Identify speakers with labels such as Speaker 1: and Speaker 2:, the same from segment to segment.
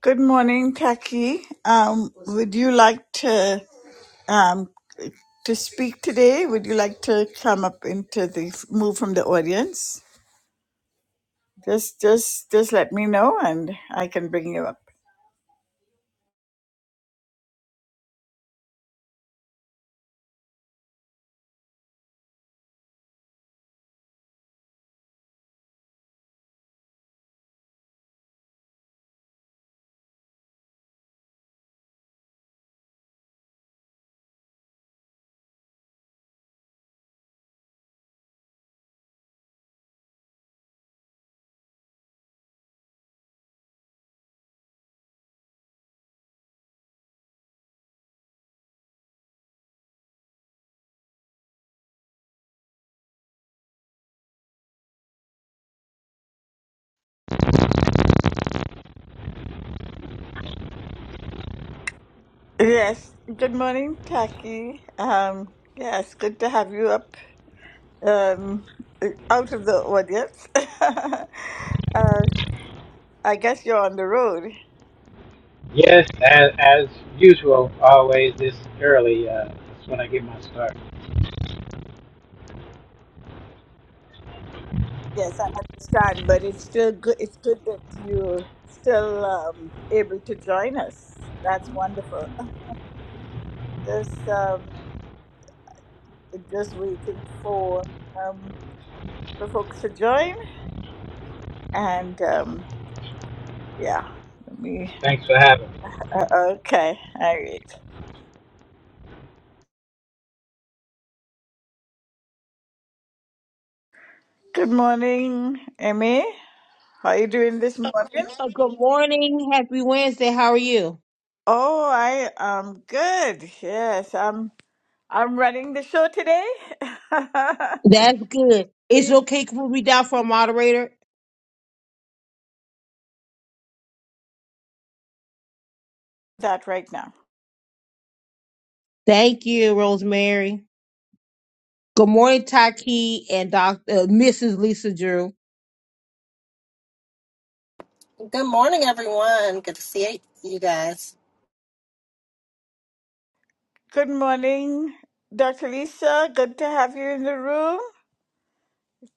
Speaker 1: Good morning, Taki. Um, would you like to um, to speak today? Would you like to come up into the move from the audience? Just, just, just let me know, and I can bring you up. Yes. Good morning, Taki. Um, yes, good to have you up um, out of the audience. uh, I guess you're on the road.
Speaker 2: Yes, as, as usual, always this early. Uh, that's when I get my start.
Speaker 1: Yes, I understand, but it's still good. It's good that you're still um, able to join us. That's wonderful. Just, um, just waiting for um, for folks to join, and um, yeah, let me.
Speaker 2: Thanks for having me.
Speaker 1: Uh, okay, all right. Good morning, Emmy. How are you doing this morning?
Speaker 3: Uh, good morning. Happy Wednesday. How are you?
Speaker 1: Oh, I am good. Yes, I'm. I'm running the show today.
Speaker 3: That's good. It's okay. Can we down for a moderator?
Speaker 1: that right now.
Speaker 3: Thank you, Rosemary. Good morning, Taki and Dr. Uh, Mrs. Lisa Drew.
Speaker 4: Good morning, everyone. Good to see you guys.
Speaker 1: Good morning, Dr. Lisa. Good to have you in the room.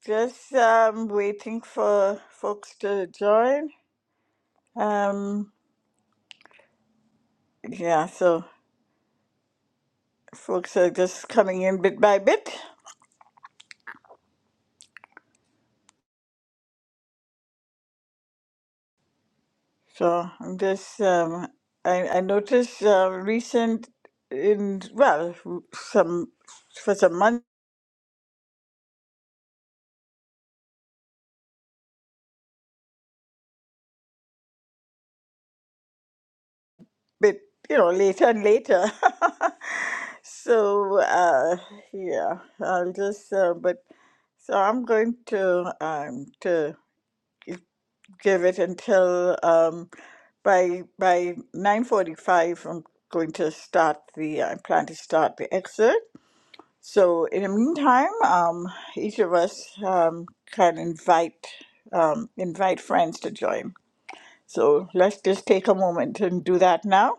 Speaker 1: Just um, waiting for folks to join. Um, yeah, so folks are just coming in bit by bit. So I'm just, um, I, I noticed uh, recent in, well, some, for some months. but you know later and later so uh yeah i'll just uh, but so i'm going to um to gi- give it until um by by 9:45 i'm going to start the i plan to start the excerpt so in the meantime um each of us um can invite um invite friends to join so let's just take a moment and do that now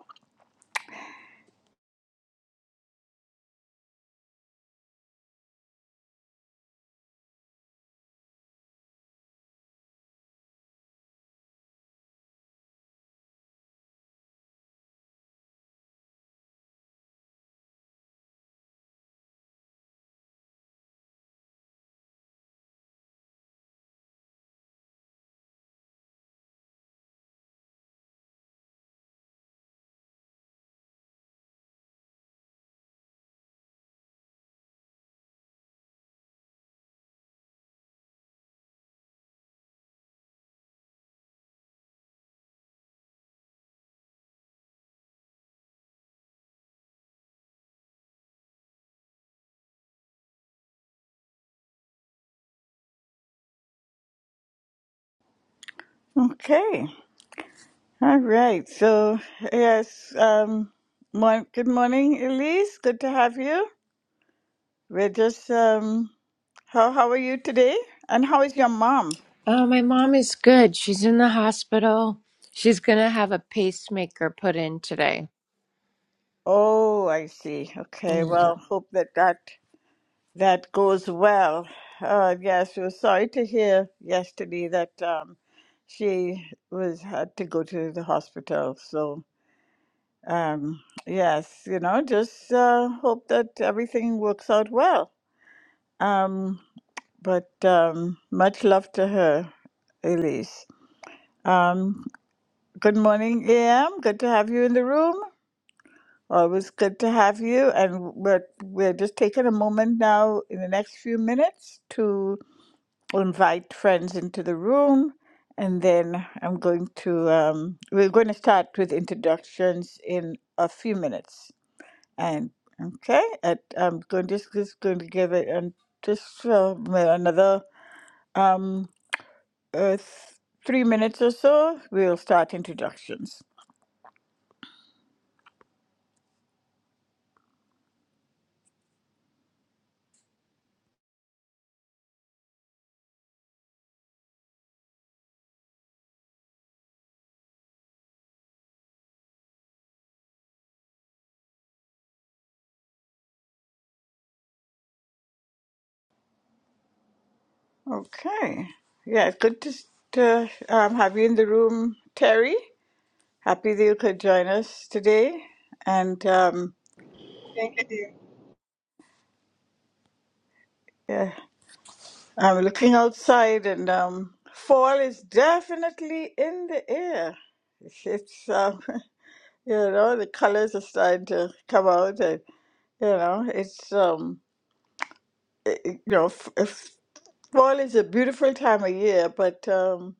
Speaker 1: okay All right. So, yes, um, mon- good morning, Elise. Good to have you. We're just, um, how, how are you today? And how is your mom?
Speaker 5: Oh, my mom is good. She's in the hospital. She's going to have a pacemaker put in today.
Speaker 1: Oh, I see. Okay.
Speaker 5: Yeah.
Speaker 1: Well, hope that that, that goes well. Uh, yes, we were sorry to hear yesterday that um, she was had to go to the hospital. So, um, yes, you know, just uh, hope that everything works out well. Um, But um, much love to her, Elise. Um, good morning, AM. Good to have you in the room. Always good to have you. And we're, we're just taking a moment now in the next few minutes to invite friends into the room. And then I'm going to, um, we're going to start with introductions in a few minutes. And okay, at, I'm going just, just going to give it and just uh, another. Um, uh, th- three minutes or so, we'll start introductions. Okay. Yeah, good to, s- to um, have you in the room, Terry. Happy that you could join us today. And um,
Speaker 6: Thank you, dear.
Speaker 1: yeah, I'm looking outside, and um, fall is definitely in the air. It's um, you know the colors are starting to come out, and you know it's um, it, it- you know f- if fall is a beautiful time of year, but um,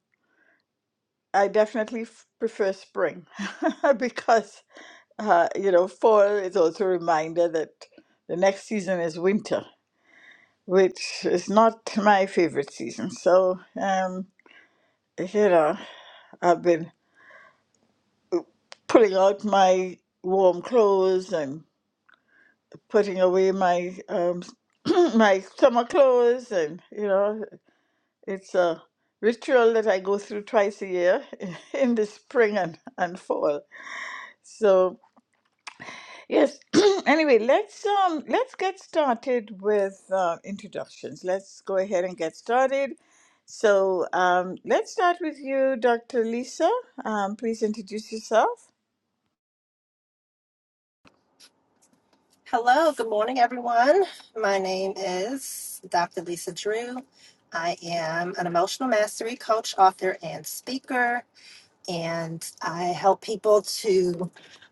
Speaker 1: I definitely f- prefer spring because, uh, you know, fall is also a reminder that the next season is winter, which is not my favorite season. So, um, you know, I've been pulling out my warm clothes and putting away my um, my summer clothes, and you know, it's a ritual that I go through twice a year in the spring and, and fall. So. Yes. anyway, let's um let's get started with uh, introductions. Let's go ahead and get started. So um, let's start with you, Dr. Lisa. Um, please introduce yourself.
Speaker 4: Hello. Good morning, everyone. My name is Dr. Lisa Drew. I am an emotional mastery coach, author, and speaker, and I help people to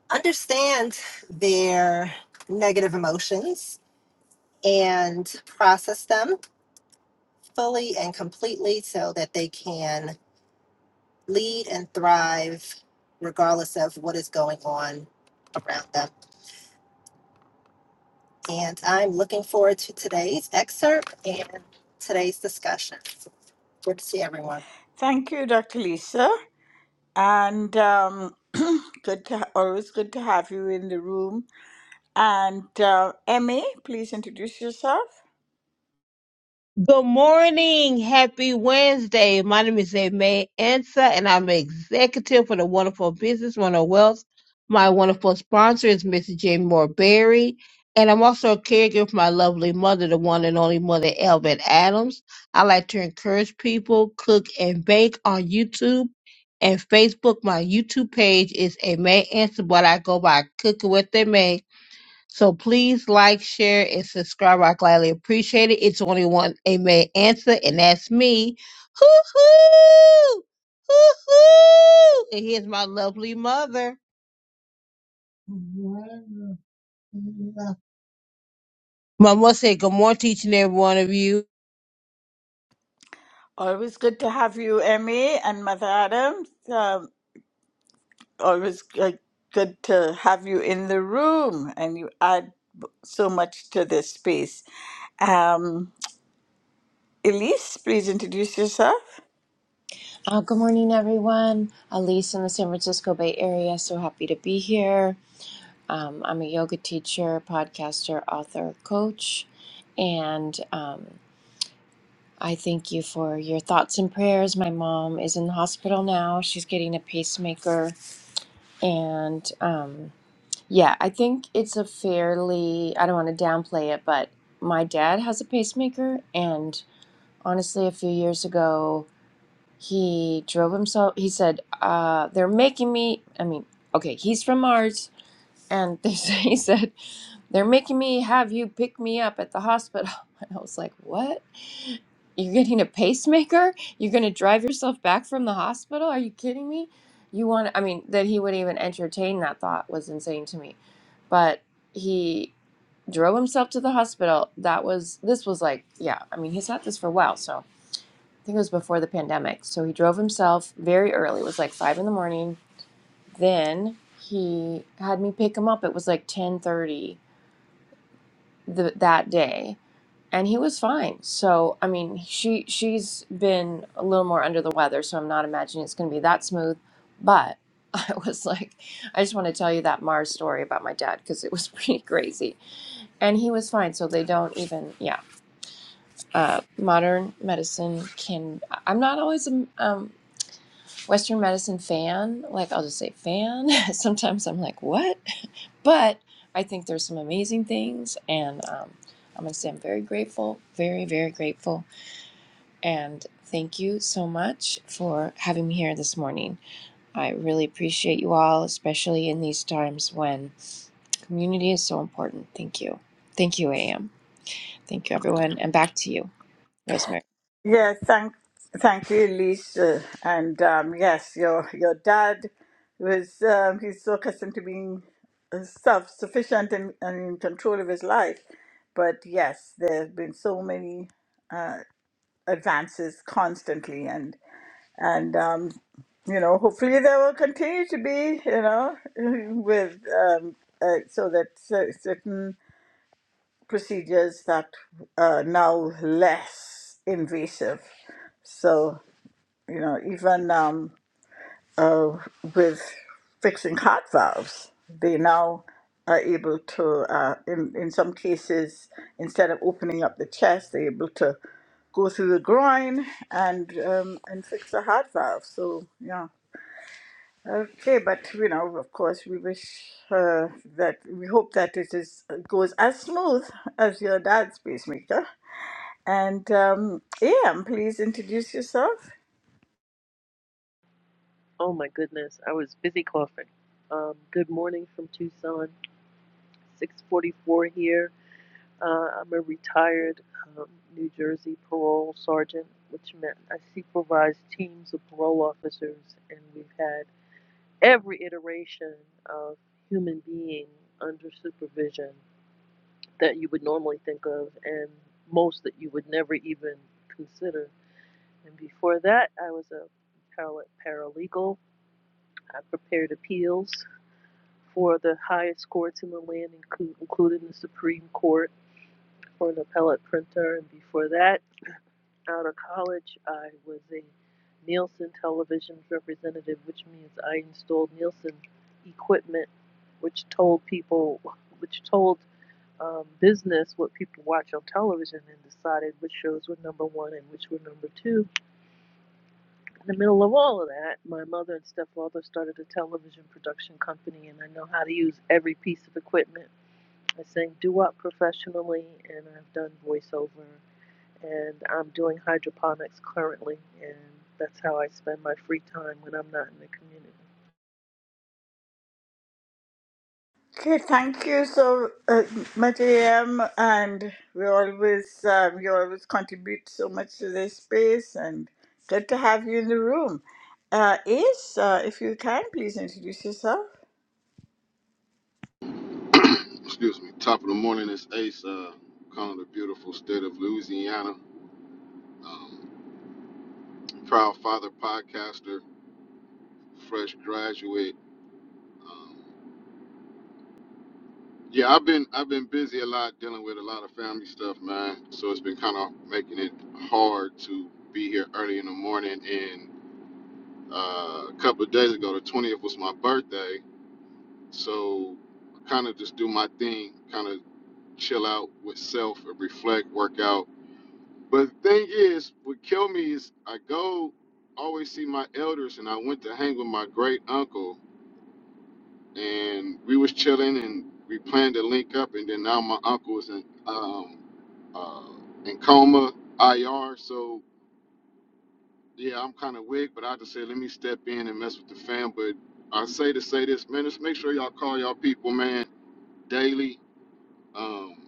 Speaker 4: understand their negative emotions and process them fully and completely so that they can lead and thrive regardless of what is going on around them. And I'm looking forward to today's excerpt and today's discussion. Good to see everyone.
Speaker 1: Thank you, Dr. Lisa, and um, good to ha- always good to have you in the room. And uh, Emmy, please introduce yourself.
Speaker 3: Good morning. Happy Wednesday. My name is May Ansa, and I'm an executive for the Wonderful Business, Wonderful Wealth. My wonderful sponsor is Mrs. Jane Moore Berry. And I'm also a caregiver for my lovely mother, the one and only mother, Elvin Adams. I like to encourage people, cook and bake on YouTube and Facebook. My YouTube page is May Ansa, but I go by Cooking with May so please like, share, and subscribe. I gladly appreciate it. It's only one amen answer, and that's me. Hoo hoo! Hoo hoo! And here's my lovely mother. Mama said, Good morning to each and every one of you.
Speaker 1: Always good to have you, Emmy, and Mother Adams. always like good to have you in the room, and you add b- so much to this space. Um, Elise, please introduce yourself.
Speaker 5: Oh, good morning, everyone. Elise in the San Francisco Bay Area. So happy to be here. Um, I'm a yoga teacher, podcaster, author, coach. And um, I thank you for your thoughts and prayers. My mom is in the hospital now. She's getting a pacemaker. And. um, Yeah, I think it's a fairly, I don't want to downplay it, but my dad has a pacemaker. And honestly, a few years ago, he drove himself. He said, uh, They're making me. I mean, okay, he's from Mars. And they say, he said, they're making me have you pick me up at the hospital. And I was like, what? You're getting a pacemaker? You're going to drive yourself back from the hospital? Are you kidding me? You want, I mean, that he would even entertain that thought was insane to me. But he drove himself to the hospital. That was, this was like, yeah, I mean, he's had this for a while. So I think it was before the pandemic. So he drove himself very early. It was like five in the morning then he had me pick him up it was like 10:30 th- that day and he was fine so i mean she she's been a little more under the weather so i'm not imagining it's going to be that smooth but i was like i just want to tell you that mars story about my dad because it was pretty crazy and he was fine so they don't even yeah uh, modern medicine can i'm not always a um, western medicine fan like i'll just say fan sometimes i'm like what But I think there's some amazing things, and um, I'm going to say I'm very grateful, very, very grateful. And thank you so much for having me here this morning. I really appreciate you all, especially in these times when community is so important. Thank you. Thank you, AM. Thank you, everyone. And back to you, Rosemary.
Speaker 1: Yeah, thank, thank you, Elise. Uh, and um, yes, your your dad was um, he's so accustomed to being self sufficient and, and in control of his life, but yes, there have been so many uh, advances constantly, and. and um, you know, hopefully there will continue to be, you know, with um, uh, so that cer- certain procedures that are now less invasive. So you know, even um, uh, with fixing heart valves, they now are able to, uh, in in some cases, instead of opening up the chest, they're able to go through the groin and um, and fix the heart valve. So yeah Okay, but you know, of course, we wish uh, that we hope that it is goes as smooth as your dad's pacemaker. And um, AM, please introduce yourself.
Speaker 7: Oh my goodness, I was busy coughing. Um, good morning from Tucson, 6:44 here. Uh, I'm a retired um, New Jersey parole sergeant, which meant I supervised teams of parole officers, and we've had every iteration of human being under supervision that you would normally think of, and most that you would never even consider. And before that, I was a paralegal. I prepared appeals for the highest courts in the land, including the Supreme Court, for an appellate printer. And before that, out of college, I was a Nielsen television representative, which means I installed Nielsen equipment, which told people, which told um, business what people watch on television and decided which shows were number one and which were number two. In the middle of all of that, my mother and stepfather started a television production company, and I know how to use every piece of equipment I sing doo wop professionally, and I've done voiceover, and I'm doing hydroponics currently, and that's how I spend my free time when I'm not in the community.
Speaker 1: Okay, thank you so uh, much, AM. And we always uh, you always contribute so much to this space, and good to have you in the room. Uh, Ace, uh, if you can, please introduce yourself.
Speaker 8: excuse me, top of the morning is Ace, uh, calling the beautiful state of Louisiana. Um, proud father, podcaster, fresh graduate. Um, yeah, I've been I've been busy a lot, dealing with a lot of family stuff, man. So it's been kind of making it hard to be here early in the morning. And uh, a couple of days ago, the 20th was my birthday, so kind of just do my thing, kind of chill out with self and reflect, work out But the thing is, what killed me is I go always see my elders, and I went to hang with my great uncle, and we was chilling, and we planned to link up, and then now my uncle is in um, uh, in coma, IR. So yeah, I'm kind of weak, but I just said let me step in and mess with the fam. But I say to say this, man, just make sure y'all call y'all people, man, daily. Um,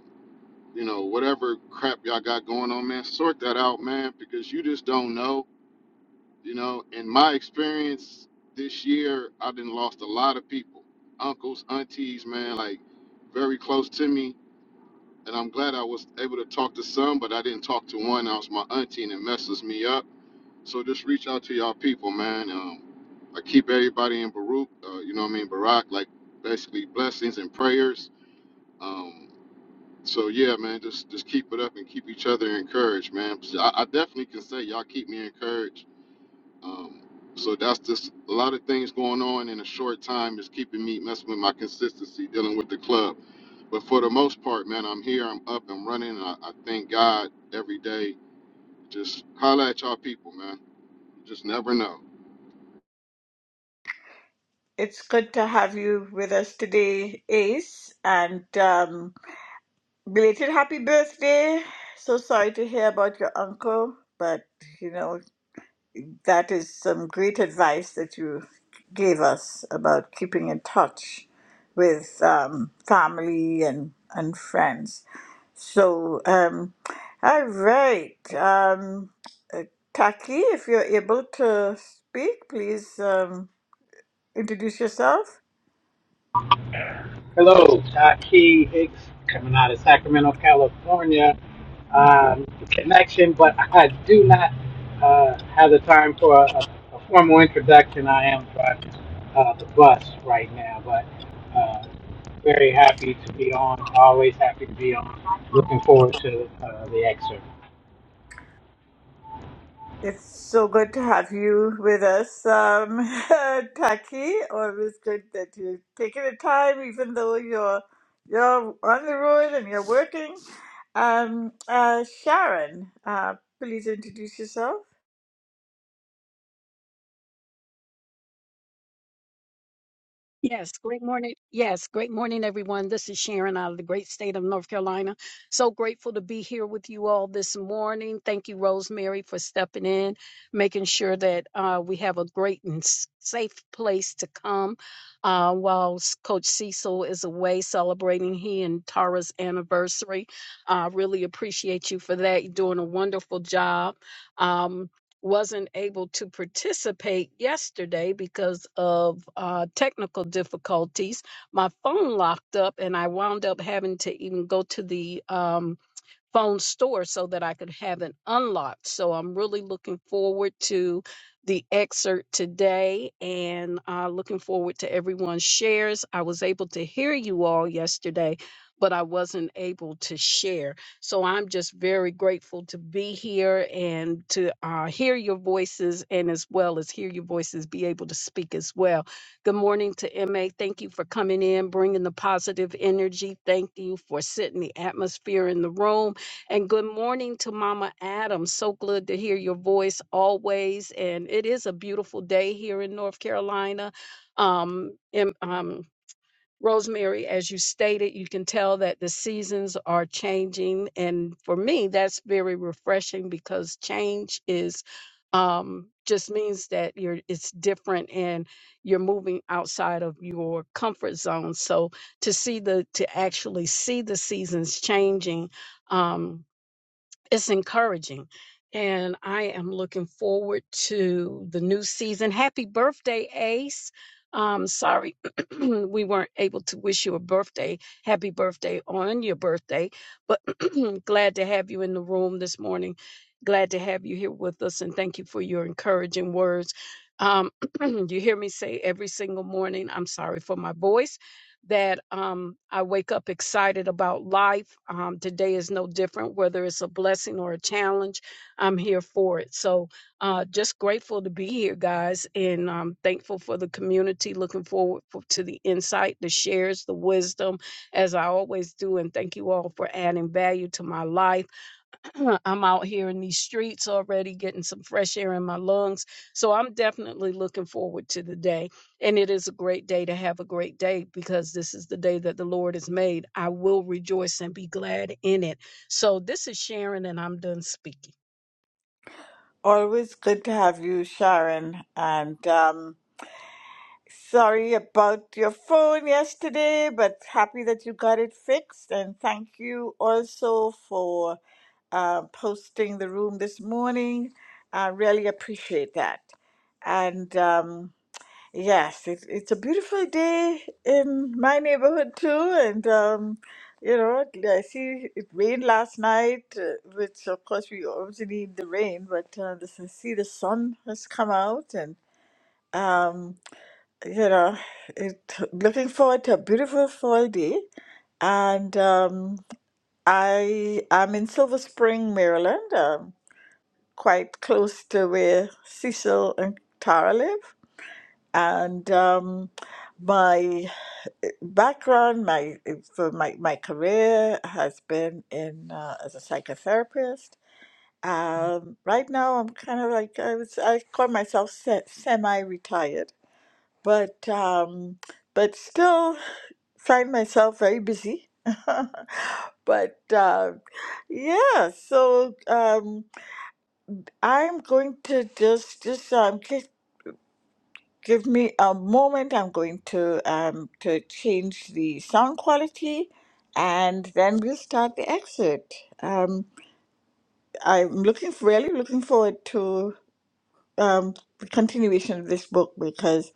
Speaker 8: you know, whatever crap y'all got going on, man, sort that out, man, because you just don't know You know, in my experience this year, I didn't lost a lot of people, uncles, aunties, man, like very close to me. And I'm glad I was able to talk to some, but I didn't talk to one. I was my auntie, and it messes me up. So just reach out to y'all people, man. Um, I keep everybody in Baruch, uh, you know what I mean, Barak, like basically blessings and prayers. Um, so yeah, man, just just keep it up and keep each other encouraged, man. 'Cause I, I definitely can say y'all keep me encouraged um, so that's just a lot of things going on in a short time is keeping me messing with my consistency dealing with the club. But for the most part, man, I'm here, I'm up and running. And I, I thank God every day. Just holla at y'all people, man. You just never know.
Speaker 1: It's good to have you with us today, Ace, and. Um, Belated happy birthday. So sorry to hear about your uncle, but you know, that is some great advice that you gave us about keeping in touch with um, family and, and friends. So, um, all right. Um, uh, Taki, if you're able to speak, please um, introduce yourself.
Speaker 2: Hello, Taki Hicks, coming out of Sacramento, California. Um, connection, but I do not uh, have the time for a, a, formal introduction. I am driving uh, the bus right now, but uh, very happy to be on. Always happy to be on. Looking forward to uh, the excerpt.
Speaker 1: It's so good to have you with us, um, Taki. Always good that you're taking the time, even though you're you're on the road and you're working. Um, uh, Sharon, uh, please introduce yourself.
Speaker 9: Yes, great morning. Yes, great morning, everyone. This is Sharon out of the great state of North Carolina. So grateful to be here with you all this morning. Thank you, Rosemary, for stepping in, making sure that uh, we have a great and s- safe place to come uh, while s- Coach Cecil is away celebrating he and Tara's anniversary. I uh, really appreciate you for that. You're doing a wonderful job. Um, wasn't able to participate yesterday because of uh, technical difficulties. My phone locked up, and I wound up having to even go to the um, phone store so that I could have it unlocked. So I'm really looking forward to the excerpt today and uh, looking forward to everyone's shares. I was able to hear you all yesterday, but I wasn't able to share. So I'm just very grateful to be here and to uh, hear your voices and as well as hear your voices be able to speak as well. Good morning to MA. Thank you for coming in, bringing the positive energy. Thank you for setting the atmosphere in the room. And good morning to Mama Adam. So good to hear your voice always. And it is a beautiful day here in North Carolina. Um, and, um, Rosemary, as you stated, you can tell that the seasons are changing. And for me, that's very refreshing because change is um just means that you're it's different and you're moving outside of your comfort zone so to see the to actually see the seasons changing Um, it's encouraging. And I am looking forward to the new season. Happy birthday, Ace. Um, sorry, we weren't able to wish you a birthday. Happy birthday on your birthday. But glad to have you in the room this morning. Glad to have you here with us. And thank you for your encouraging words. Um, you hear me say every single morning, I'm sorry for my voice that um, I wake up excited about life. Um, today is no different, whether it's a blessing or a challenge. I'm here for it. So uh, just grateful to be here, guys, and um, thankful for the community. Looking forward for, to the insight, the shares, the wisdom, as I always do. And thank you all for adding value to my life. I'm out here in these streets already getting some fresh air in my lungs. So I'm definitely looking forward to the day. And it is a great day to have a great day because this is the day that the Lord has made. I will rejoice and be glad in it. So this is Sharon, and I'm done speaking.
Speaker 1: Always good to have you, Sharon. And um, sorry about your phone yesterday, but happy that you got it fixed. And thank you also for uh, posting the room this morning. I really appreciate that. And um, yes, it, it's a beautiful day in my neighborhood too. And um, you know, I see it rained last night, uh, which of course we obviously need the rain, but uh, this, I see the sun has come out and um, you know, it, looking forward to a beautiful fall day. And um, I am in Silver Spring, Maryland. Um, quite close to where Cecil and Tara live. And um, my background, my for my, my career has been in uh, as a psychotherapist. Um, right now, I'm kind of like I was, I call myself se- semi-retired, but um, but still find myself very busy. But uh, yeah, so um, I'm going to just just um just give me a moment. I'm going to um to change the sound quality, and then we'll start the exit. Um, I'm looking really looking forward to um, the continuation of this book because,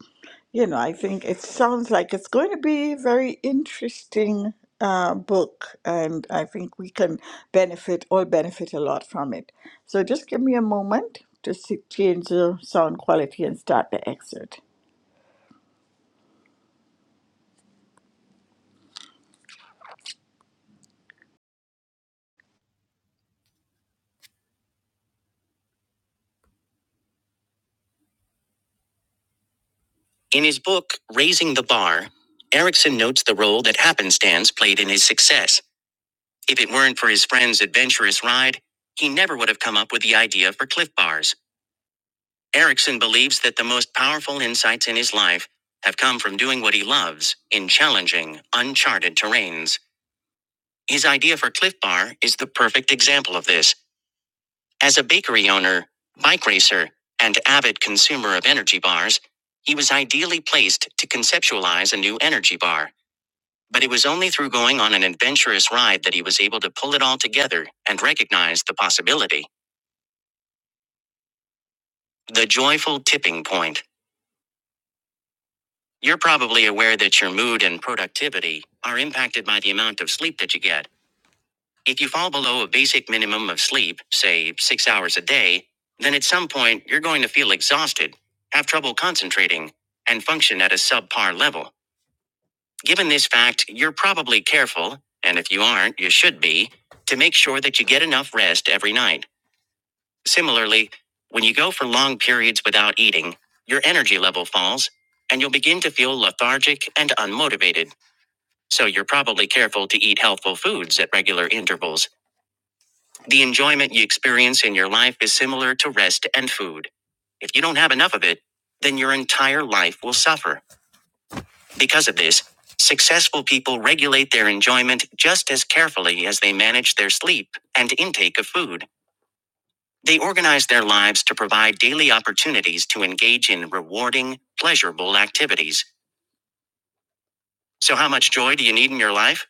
Speaker 1: you know, I think it sounds like it's going to be a very interesting uh, book, and I think we can benefit, all benefit a lot from it. So just give me a moment to see, change the sound quality and start the excerpt. In his book, Raising the Bar, Erickson notes the role that happenstance played in his success. If it weren't for his friend's adventurous ride, he never would have come up with the idea for cliff bars. Erickson believes that the most powerful insights in his life have come from doing what he loves in challenging, uncharted terrains. His idea for Cliff Bar is the perfect example of this. As a bakery owner, bike racer, and avid consumer of energy bars, he was ideally placed to conceptualize a new energy bar. But it was only through going on an adventurous ride that he was able to pull it all together and recognize the possibility. The joyful tipping point. You're probably aware that your mood and productivity are impacted by the amount of sleep that you get. If you fall below a basic minimum of sleep, say six hours a day, then at some point you're going to feel exhausted, have trouble concentrating, and function at a subpar level. Given this fact, you're probably careful, and if you aren't, you should be, to make sure that you get enough rest every night. Similarly, when you go for long periods without eating, your energy level falls, and you'll begin to feel lethargic and unmotivated. So you're probably careful to eat healthful foods at regular intervals. The enjoyment you experience in your life is similar to rest and food. If you don't have enough of it, then your entire life will suffer. Because of this, successful people regulate their enjoyment just as carefully as they manage their sleep and intake of food. They organize their lives to provide daily opportunities to engage in rewarding, pleasurable activities. So, how much joy do you need in your life?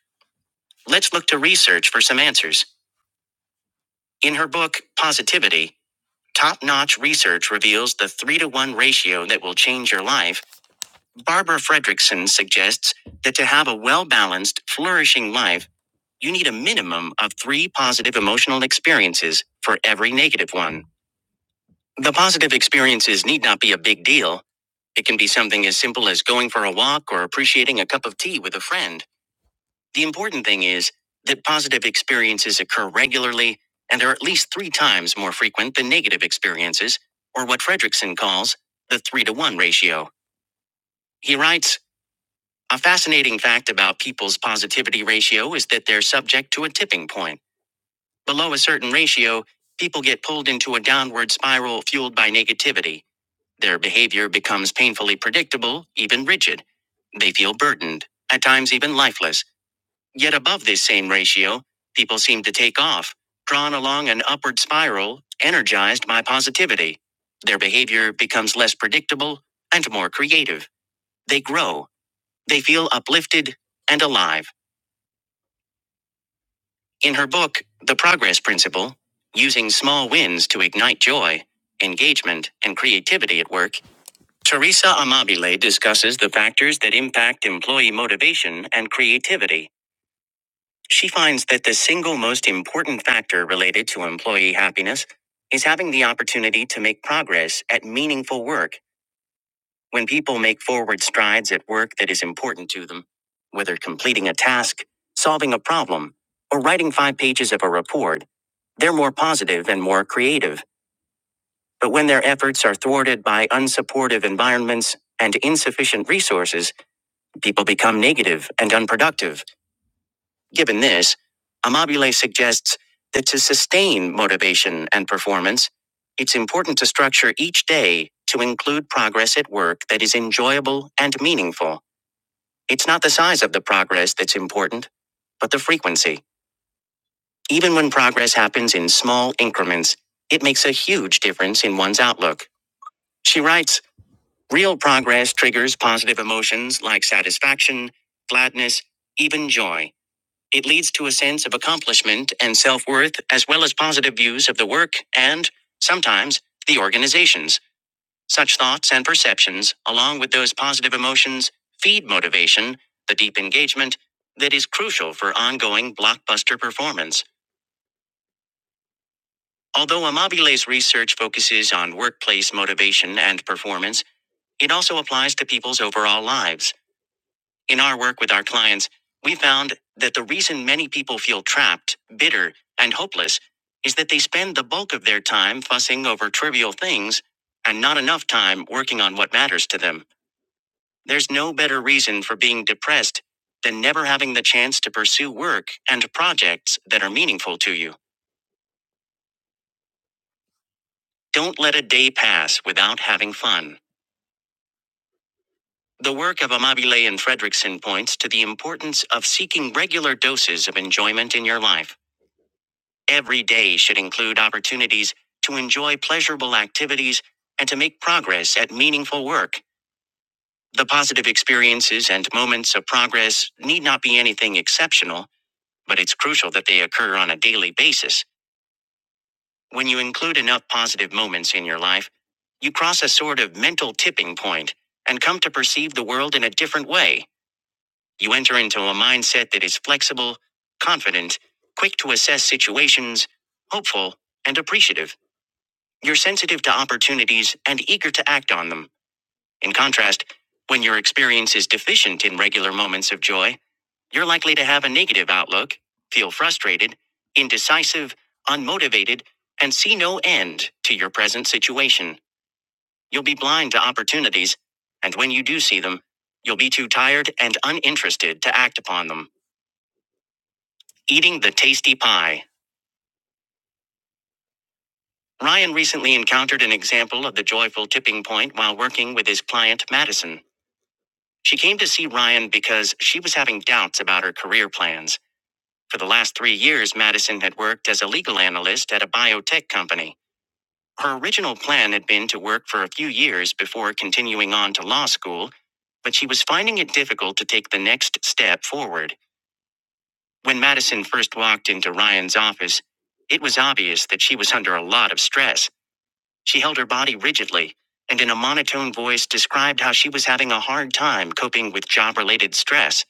Speaker 1: Let's look to research for some answers. In her book, Positivity Top Notch Research Reveals the 3 to 1 Ratio That Will Change Your Life, Barbara Fredrickson suggests that to have a well balanced, flourishing life, you need a minimum of three positive emotional experiences for every negative one. The positive experiences need not be a big deal. It can be something as simple as going for a walk or appreciating a cup of tea with a friend. The important thing is that positive experiences occur regularly and are at least three times more frequent than negative experiences, or what Fredrickson calls the three to one ratio. He writes A fascinating fact about people's positivity ratio is that they're subject to a tipping point. Below a certain ratio, people get pulled into a downward spiral fueled by negativity. Their behavior becomes painfully predictable, even rigid. They feel burdened, at times even lifeless. Yet above this same ratio, people seem to take off, drawn along an upward spiral, energized by positivity. Their behavior becomes less predictable and more creative. They grow. They feel uplifted and alive. In her book, The Progress Principle, Using Small Wins to Ignite Joy, Engagement, and Creativity at Work, Teresa Amabile discusses the factors that impact employee motivation and creativity. She finds that the single most important factor related to employee happiness is having the opportunity to make progress at meaningful work when people make forward strides at work that is important to them, whether completing a task, solving a problem, or writing five pages of a report. They're more positive and more creative, but when their efforts are thwarted by unsupportive environments and insufficient resources, people become negative and unproductive. Given this, Amabile suggests that to sustain motivation and performance, it's important to structure each day to include progress at work that is enjoyable and meaningful. It's not the size of the progress that's important, but the frequency. Even when progress happens in small increments, it makes a huge difference in one's outlook. She writes Real progress triggers positive emotions like satisfaction, gladness, even joy. It leads to a sense of accomplishment and self worth, as well as positive views of the work and, sometimes, the organizations. Such thoughts and perceptions, along with those positive emotions, feed motivation, the deep engagement that is crucial for ongoing blockbuster performance. Although Amabile's research focuses on workplace motivation and performance, it also applies to people's overall lives. In our work with our clients, we found that the reason many people feel trapped, bitter, and hopeless is that they spend the bulk of their time fussing over trivial things and not enough time working on what matters to them. There's no better reason for being depressed than never having the chance to pursue work and projects that are meaningful to you. Don't let a day pass without having fun. The work of Amabile and Fredrickson points to the importance of seeking regular doses of enjoyment in your life. Every day should include opportunities to enjoy pleasurable activities and to make progress at meaningful work. The positive experiences and moments of progress need not be anything exceptional, but it's crucial that they occur on a daily basis. When you include enough positive moments in your life, you cross a sort of mental tipping point and come to perceive the world in a different way. You enter into a mindset that is flexible, confident, quick to assess situations, hopeful, and appreciative. You're sensitive to opportunities and eager to act on them. In contrast, when your experience is deficient in regular moments of joy, you're likely to have a negative outlook, feel frustrated, indecisive, unmotivated, and see no end to your present situation. You'll be blind to opportunities, and when you do see them, you'll be too tired and uninterested to act upon them. Eating the tasty pie. Ryan recently encountered an example of the joyful tipping point while working with his client Madison. She came to see Ryan because she was having doubts about her career plans. For the last three years, Madison had worked as a legal analyst at a biotech company. Her original plan had been to work for a few years before continuing on to law school, but she was finding it difficult to take the next step forward. When Madison first walked into Ryan's office, it was obvious that she was under a lot of stress. She held her body rigidly and in a monotone voice described how she was having a hard time coping with job related stress.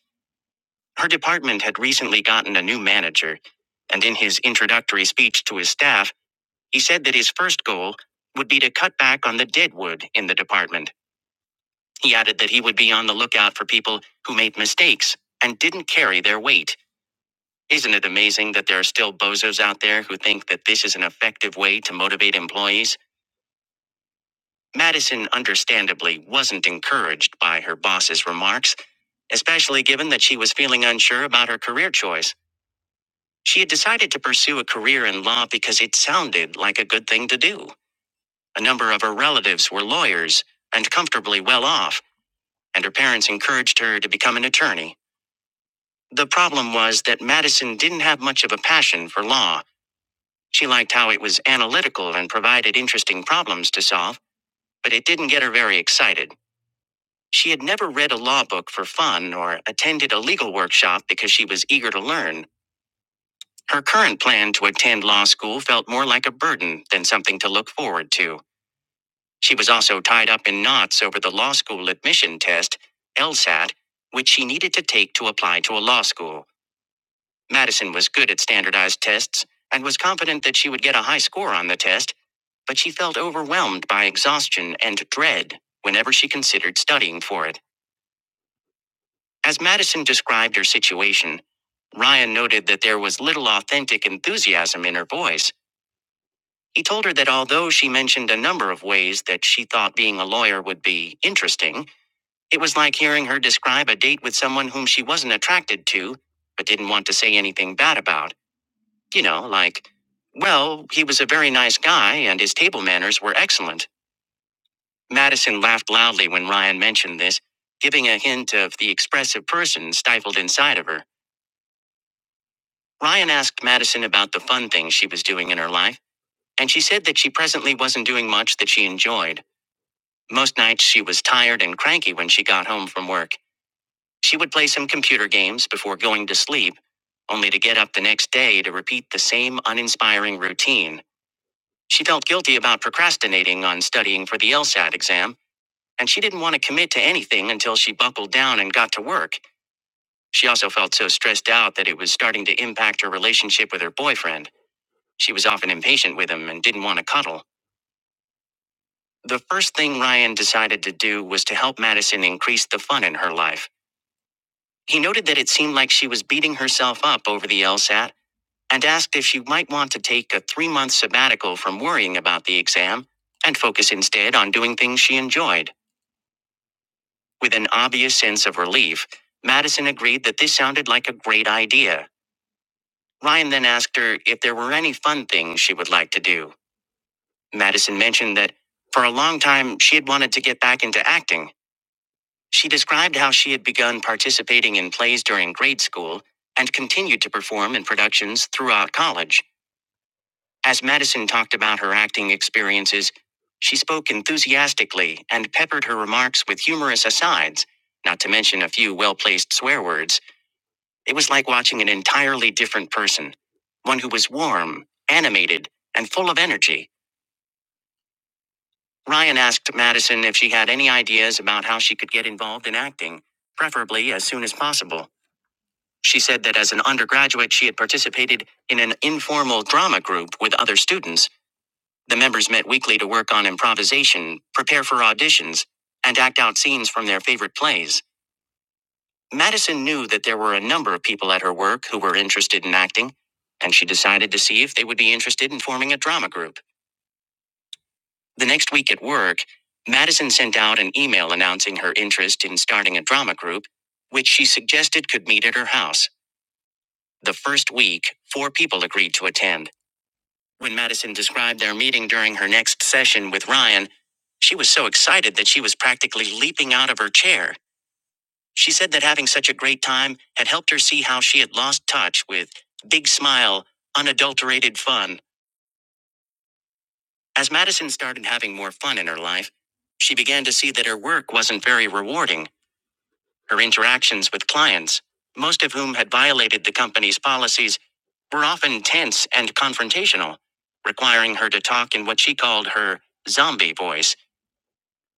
Speaker 1: Her department had recently gotten a new manager, and in his introductory speech to his staff, he said that his first goal would be to cut back on the deadwood in the department. He added that he would be on the lookout for people who made mistakes and didn't carry their weight. Isn't it amazing that there are still bozos out there who think that this is an effective way to motivate employees? Madison understandably wasn't encouraged by her boss's remarks, especially given that she was feeling unsure about her career choice. She had decided to pursue a career in law because it sounded like a good thing to do. A number of her relatives were lawyers and comfortably well off, and her parents encouraged her to become an attorney. The problem was that Madison didn't have much of a passion for law. She liked how it was analytical and provided interesting problems to solve, but it didn't get her very excited. She had never read a law book for fun or attended a legal workshop because she was eager to learn. Her current plan to attend law school felt more like a burden than something to look forward to. She was also tied up in knots over the law school admission test, LSAT, which she needed to take to apply to a law school. Madison was good at standardized tests and was confident that she would get a high score on the test, but she felt overwhelmed by exhaustion and dread whenever she considered studying for it. As Madison described her situation, Ryan noted that there was little authentic enthusiasm in her voice He told her that although she mentioned a number of ways that she thought being a lawyer would be interesting, it was like hearing her describe a date with someone whom she wasn't attracted to, but didn't want to say anything bad about. You know, like, well, he was a very nice guy and his table manners were excellent. Madison laughed loudly when Ryan mentioned this, giving a hint of the expressive person stifled inside of her. Ryan asked Madison about the fun things she was doing in her life, and she said that she presently wasn't doing much that she enjoyed. Most nights she was tired and cranky when she got home from work. She would play some computer games before going to sleep, only to get up the next day to repeat the same uninspiring routine. She felt guilty about procrastinating on studying for the LSAT exam, and she didn't want to commit to anything until she buckled down and got to work. She also felt so stressed out that it was starting to impact her relationship with her boyfriend. She was often impatient with him and didn't want to cuddle. The first thing Ryan decided to do was to help Madison increase the fun in her life. He noted that it seemed like she was beating herself up over the LSAT and asked if she might want to take a three month sabbatical from worrying about the exam and focus instead on doing things she enjoyed. With an obvious sense of relief, Madison agreed that this sounded like a great idea. Ryan then asked her if there were any fun things she would like to do. Madison mentioned that for a long time she had wanted to get back into acting She described how she had begun participating in plays during grade school and continued to perform in productions throughout college. As Madison talked about her acting experiences, she spoke enthusiastically and peppered her remarks with humorous asides, not to mention a few well placed swear words. It was like watching an entirely different person, one who was warm, animated, and full of energy. Ryan asked Madison if she had any ideas about how she could get involved in acting, preferably as soon as possible. She said that as an undergraduate, she had participated in an informal drama group with other students. The members met weekly to work on improvisation, prepare for auditions, and act out scenes from their favorite plays. Madison knew that there were a number of people at her work who were interested in acting, and she decided to see if they would be interested in forming a drama group. The next week at work, Madison sent out an email announcing her interest in starting a drama group, which she suggested could meet at her house. The first week, four people agreed to attend. When Madison described their meeting during her next session with Ryan, she was so excited that she was practically leaping out of her chair. She said that having such a great time had helped her see how she had lost touch with big smile, unadulterated fun. As Madison started having more fun in her life, she began to see that her work wasn't very rewarding. Her interactions with clients, most of whom had violated the company's policies, were often tense and confrontational, requiring her to talk in what she called her zombie voice.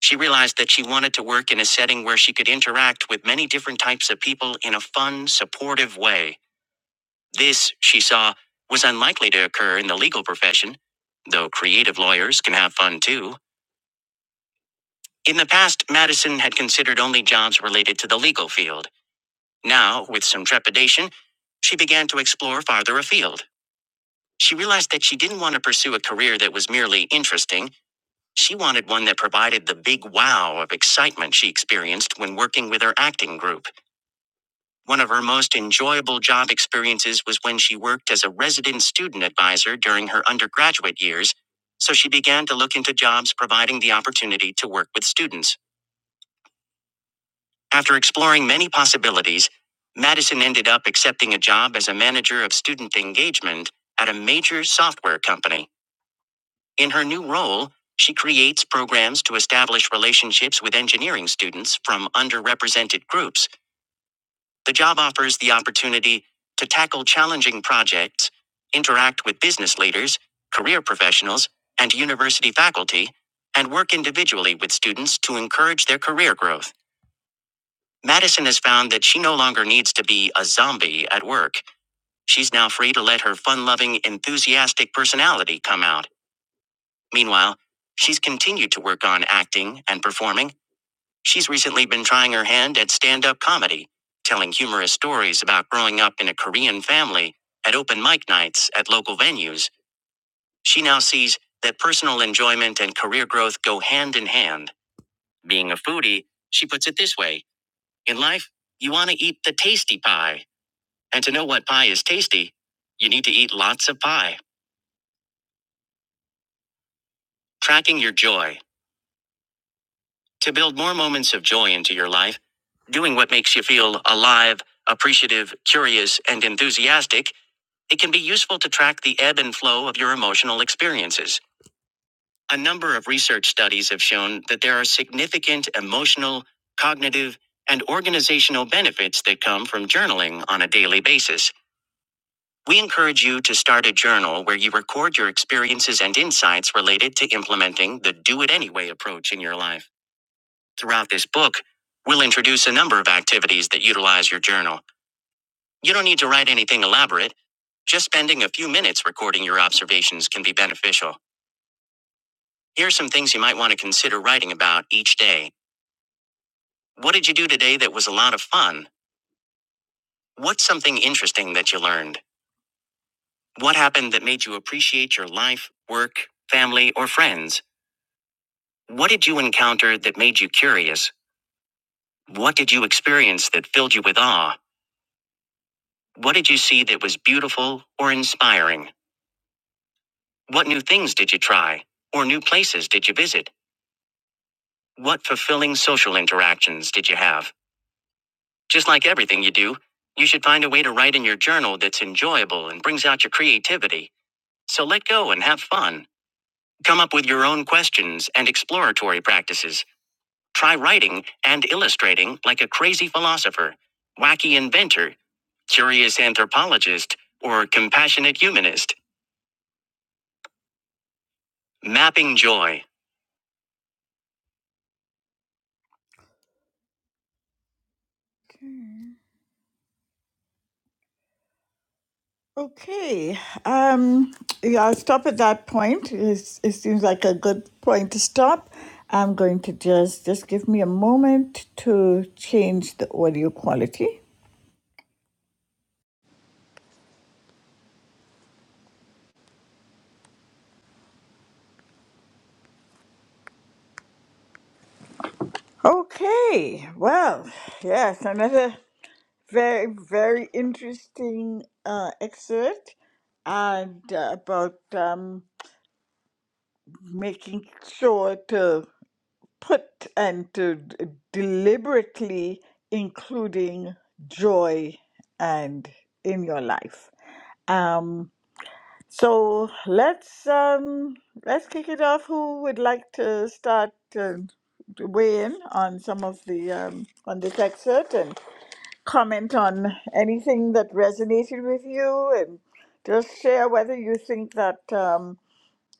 Speaker 1: She realized that she wanted to work in a setting where she could interact with many different types of people in a fun, supportive way. This, she saw, was unlikely to occur in the legal profession, though creative lawyers can have fun too. In the past, Madison had considered only jobs related to the legal field. Now, with some trepidation, she began to explore farther afield. She realized that she didn't want to pursue a career that was merely interesting. She wanted one that provided the big wow of excitement she experienced when working with her acting group. One of her most enjoyable job experiences was when she worked as a resident student advisor during her undergraduate years, so she began to look into jobs providing the opportunity to work with students. After exploring many possibilities, Madison ended up accepting a job as a manager of student engagement at a major software company. In her new role, she creates programs to establish relationships with engineering students from underrepresented groups. The job offers the opportunity to tackle challenging projects, interact with business leaders, career professionals, and university faculty, and work individually with students to encourage their career growth. Madison has found that she no longer needs to be a zombie at work. She's now free to let her fun loving, enthusiastic personality come out. Meanwhile, she's continued to work on acting and performing. She's recently been trying her hand at stand up comedy, telling humorous stories about growing up in a Korean family at open mic nights at local venues. She now sees that personal enjoyment and career growth go hand in hand. Being a foodie, she puts it this way in life, you want to eat the tasty pie. And to know what pie is tasty, you need to eat lots of pie. Tracking your joy. To build more moments of joy into your life, doing what makes you feel alive, appreciative, curious, and enthusiastic, it can be useful to track the ebb and flow of your emotional experiences. A number of research studies have shown that there are significant emotional, cognitive, and organizational benefits that come from journaling on a daily basis. We encourage you to start a journal where you record your experiences and insights related to implementing the do it anyway approach in your life. Throughout this book, we'll introduce a number of activities that utilize your journal. You don't need to write anything elaborate. Just spending a few minutes recording your observations can be beneficial. Here are some things you might want to consider writing about each day. What did you do today that was a lot of fun? What's something interesting that you learned? What happened that made you appreciate your life, work, family, or friends? What did you encounter that made you curious? What did you experience that filled you with awe? What did you see that was beautiful or inspiring? What new things did you try? Or new places did you visit? What fulfilling social interactions did you have? Just like everything you do, you should find a way to write in your journal that's enjoyable and brings out your creativity. So let go and have fun. Come up with your own questions and exploratory practices. Try writing and illustrating like a crazy philosopher, wacky inventor, curious anthropologist, or compassionate humanist. Mapping joy. Okay. Um, yeah, I'll stop at that point. It's, it seems like a good point to stop. I'm going to just just give me a moment to change the audio quality. Okay. Well, yes, another. very, very interesting uh, excerpt and uh, about um, making sure to put and to d- deliberately including joy and in your life. Um, so let's um, let's kick it off. Who would like to start uh, to weigh in on some of the um, on this excerpt? comment on anything that resonated with you and just share whether you think that um,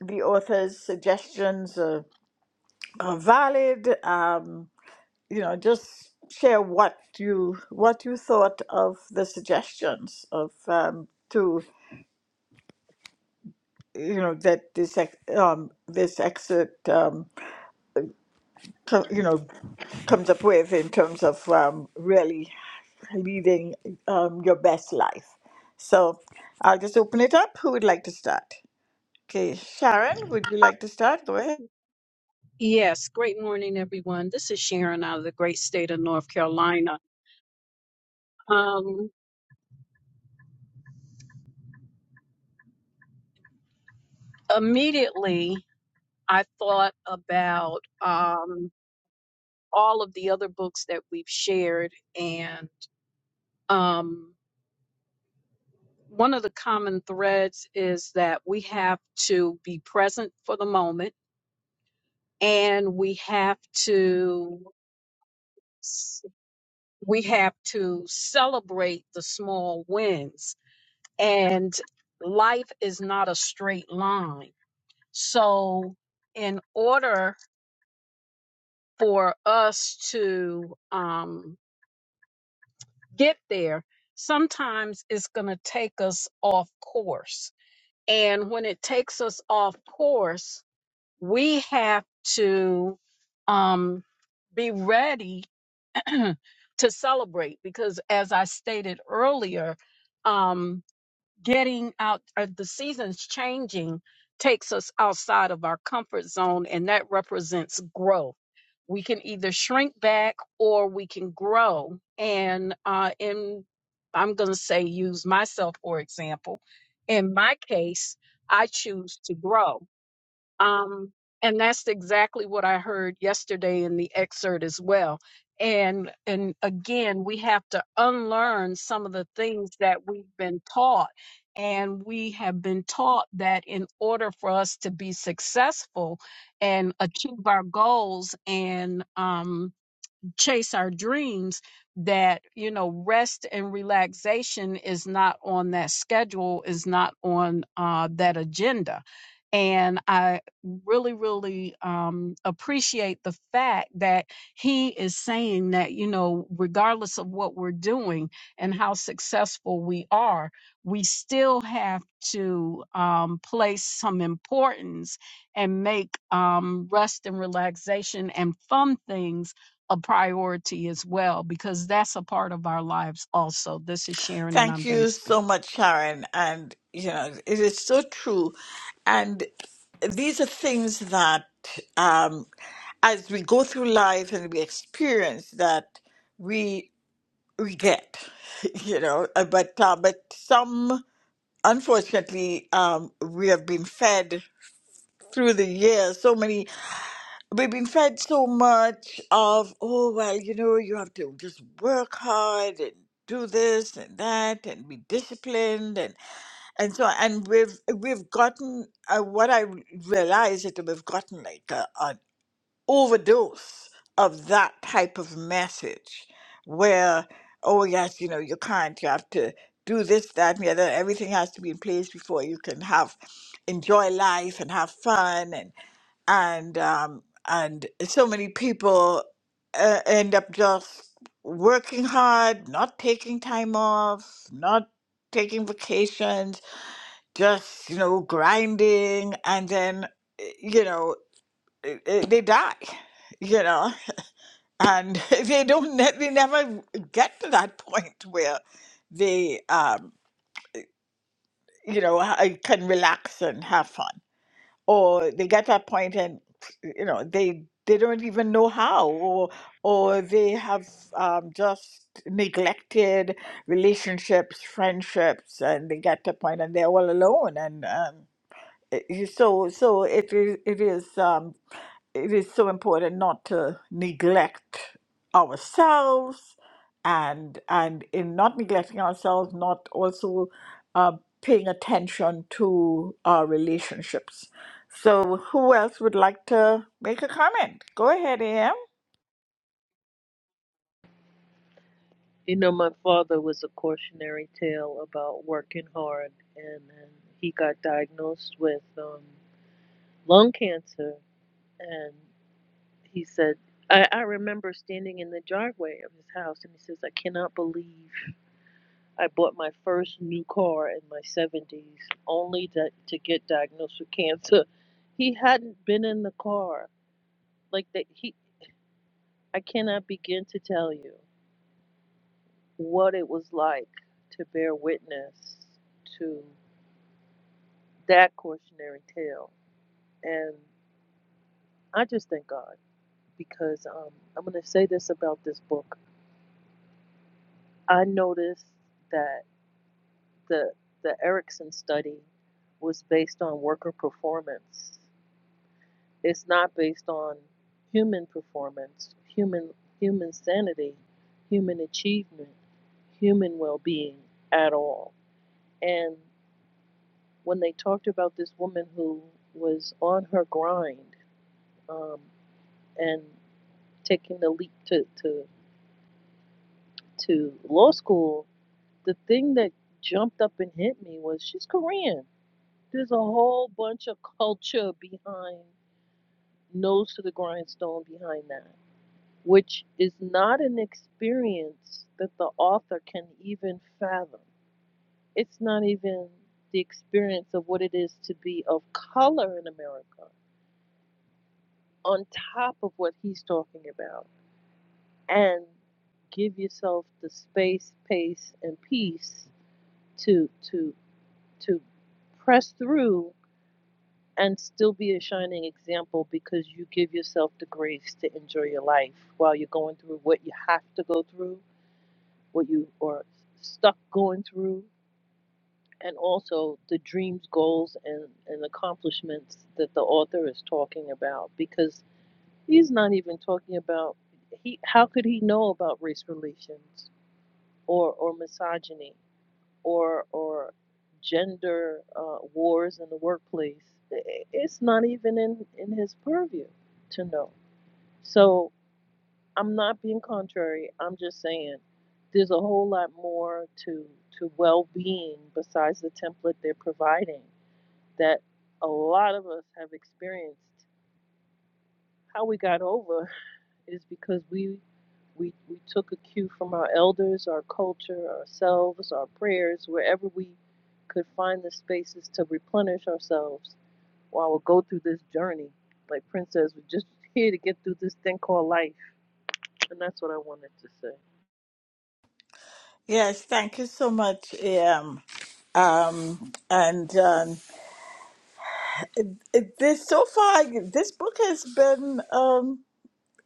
Speaker 1: the author's suggestions are, are valid um, you know just share what you what you thought of the suggestions of um, to you know that this ex- um, this excerpt um, co- you know, comes up with in terms of um, really leading um, your best life. So I'll just open it up. Who would like to start? Okay, Sharon, would you like to start? Go ahead.
Speaker 9: Yes, great morning, everyone. This is Sharon out of the great state of North Carolina. Um, immediately, I thought about um, all of the other books that we've shared, and um, one of the common threads is that we have to be present for the moment and we have to we have to celebrate the small wins and life is not a straight line so in order for us to um, get there sometimes it's going to take us off course and when it takes us off course we have to um, be ready to celebrate because, as I stated earlier, um, getting out, uh, the seasons changing takes us outside of our comfort zone, and that represents growth. We can either shrink back or we can grow. And uh, in, I'm going to say, use myself for example. In my case, I choose to grow um, and that's exactly what I heard yesterday in the excerpt as well. And and again, we have to unlearn some of the things that we've been taught. And we have been taught that in order for us to be successful and achieve our goals and um, chase our dreams that you know rest and relaxation is not on that schedule is not on uh, that agenda and i really really um, appreciate the fact that he is saying that you know regardless of what we're doing and how successful we are we still have to um, place some importance and make um, rest and relaxation and fun things a priority as well because that's a part of our lives also. This is Sharon and
Speaker 1: Thank
Speaker 9: I'm done
Speaker 1: you
Speaker 9: speaking.
Speaker 1: so much, Sharon. And, you know, it is so true. And these are things that, um, as we go through life and we experience that, we we get, you know, uh, but uh, but some. unfortunately, um, we have been fed through the years so many, we've been fed so much of, oh, well, you know, you have to just work hard and do this and that and be disciplined and and so and we've we've gotten uh, what i realized that we've gotten like a overdose of that type of message where, oh, yes, you know, you can't, you have to do this, that, and the other. Everything has to be in place before you can have, enjoy life and have fun. And, and, um, and so many people uh, end up just working hard, not taking time off, not taking vacations, just, you know, grinding. And then, eh, you know, it- it- they die, you know, and they don't, ne- they never get to that point where they, um, you know, ha- can relax and have fun, or they get that point and, you know, they they don't even know how, or or they have um, just neglected relationships, friendships, and they get to a point and they're all alone, and um, it- you- so so it is it is. Um, it is so important not to neglect ourselves and and in not neglecting ourselves not also uh, paying attention to our relationships so who else would like to make a comment go ahead am
Speaker 7: You know, my father was a cautionary tale about working hard, and then he got diagnosed with um, lung cancer, and he said, I, I remember standing in the driveway of his house, and he says, I cannot believe I bought my first new car in my 70s only to, to get diagnosed with cancer. He hadn't been in the car. Like that he I cannot begin to tell you what it was like to bear witness to that cautionary tale. And I just thank God because um, I'm going to say this about this book. I noticed that the the Erickson study was based on worker performance It's not based on human performance, human human sanity, human achievement, human well-being at all. And when they talked about this woman who was on her grind um, and taking the leap to, to to law school, the thing that jumped up and hit me was she's Korean. There's a whole bunch of culture behind nose to the grindstone behind that which is not an experience that the author can even fathom. It's not even the experience of what it is to be of color in America, on top of what he's talking about. And give yourself the space, pace, and peace to to to press through and still be a shining example because you give yourself the grace to enjoy your life while you're going through what you have to go through what you are stuck going through, and also the dreams, goals, and, and accomplishments that the author is talking about. Because he's not even talking about he. How could he know about race relations or or misogyny or or gender uh, wars in the workplace? It's not even in in his purview to know. So. I'm not being contrary. I'm just saying there's a whole lot more to to well-being besides the template they're providing that a lot of us have experienced. How we got over is because we we we took a cue from our elders, our culture, ourselves, our prayers, wherever we could find the spaces to replenish ourselves while we go through this journey. Like Prince says, we're just here to get through this thing called life. And that's what I wanted to say.
Speaker 1: yes thank you so much am um, and um, it, it, this so far this book has been um,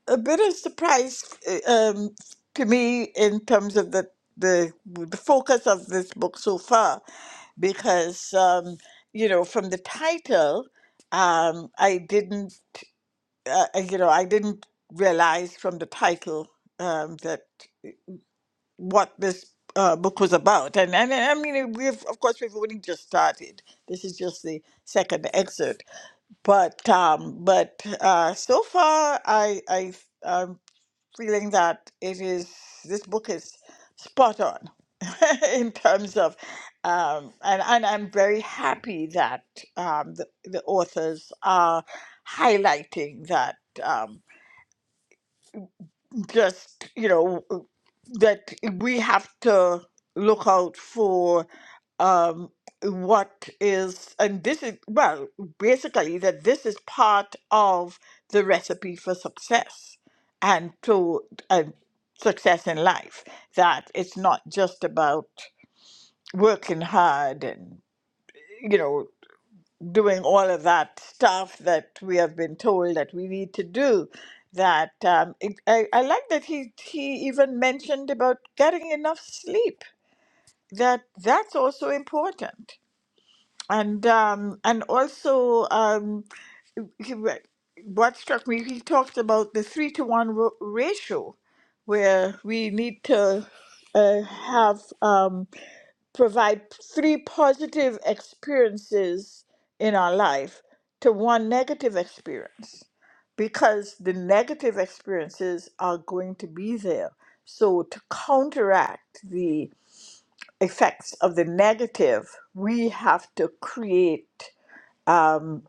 Speaker 1: a bit of surprise uh, um, to me in terms of the the the focus of this book so far, because um, you know from the title, um, I didn't uh, uh, you know I didn't realize from the title um, that what this uh, book was about, and and I mean we've of course we've only just started. This is just the second excerpt, but um, but uh, so far I I. um, feeling that it is this book is spot on in terms of um, and, and I'm very happy that um, the, the authors are highlighting that um, just you know that we have to look out for um, what is, and this is, well, basically that this is part of the recipe for success and to uh, success in life, that it's not just about working hard and, you know, doing all of that stuff that we have been told that we need to do. That um, it, I, I like that he he even mentioned about getting enough sleep. That that's also important and um, and also um, he re- what struck me, he talked about the three to one ro- ratio, where we need to uh, have um, provide three positive experiences in our life to one negative experience, because the negative experiences are going to be there. So to counteract the effects of the negative, we have to create um,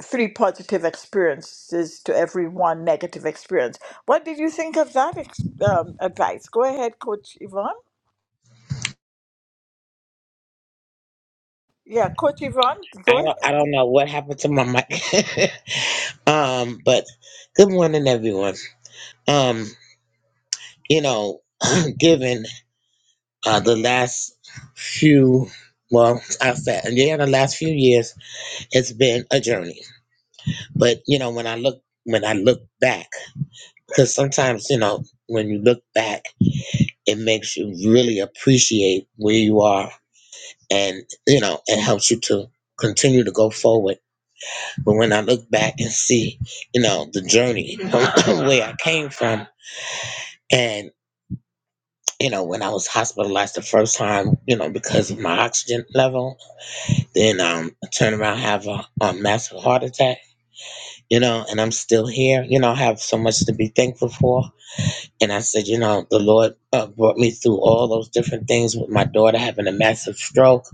Speaker 1: three positive experiences to every one negative experience. What did you think of that ex- um, advice? Go ahead, Coach Yvonne. Yeah, Coach Yvonne,
Speaker 10: I
Speaker 1: go ahead.
Speaker 10: don't, I don't know what happened to my mic. um, but good morning, everyone. Um, you know, given uh, the last few, well, I said, yeah, the last few years, it's been a journey. But you know, when I look, when I look back, because sometimes you know, when you look back, it makes you really appreciate where you are, and you know, it helps you to continue to go forward But when I look back and see, you know, the journey where I came from, and you know, when I was hospitalized the first time, you know, because of my oxygen level, then um, I turn around have a, a massive heart attack, you know, and I'm still here. You know, I have so much to be thankful for. And I said, you know, the Lord uh, brought me through all those different things with my daughter having a massive stroke,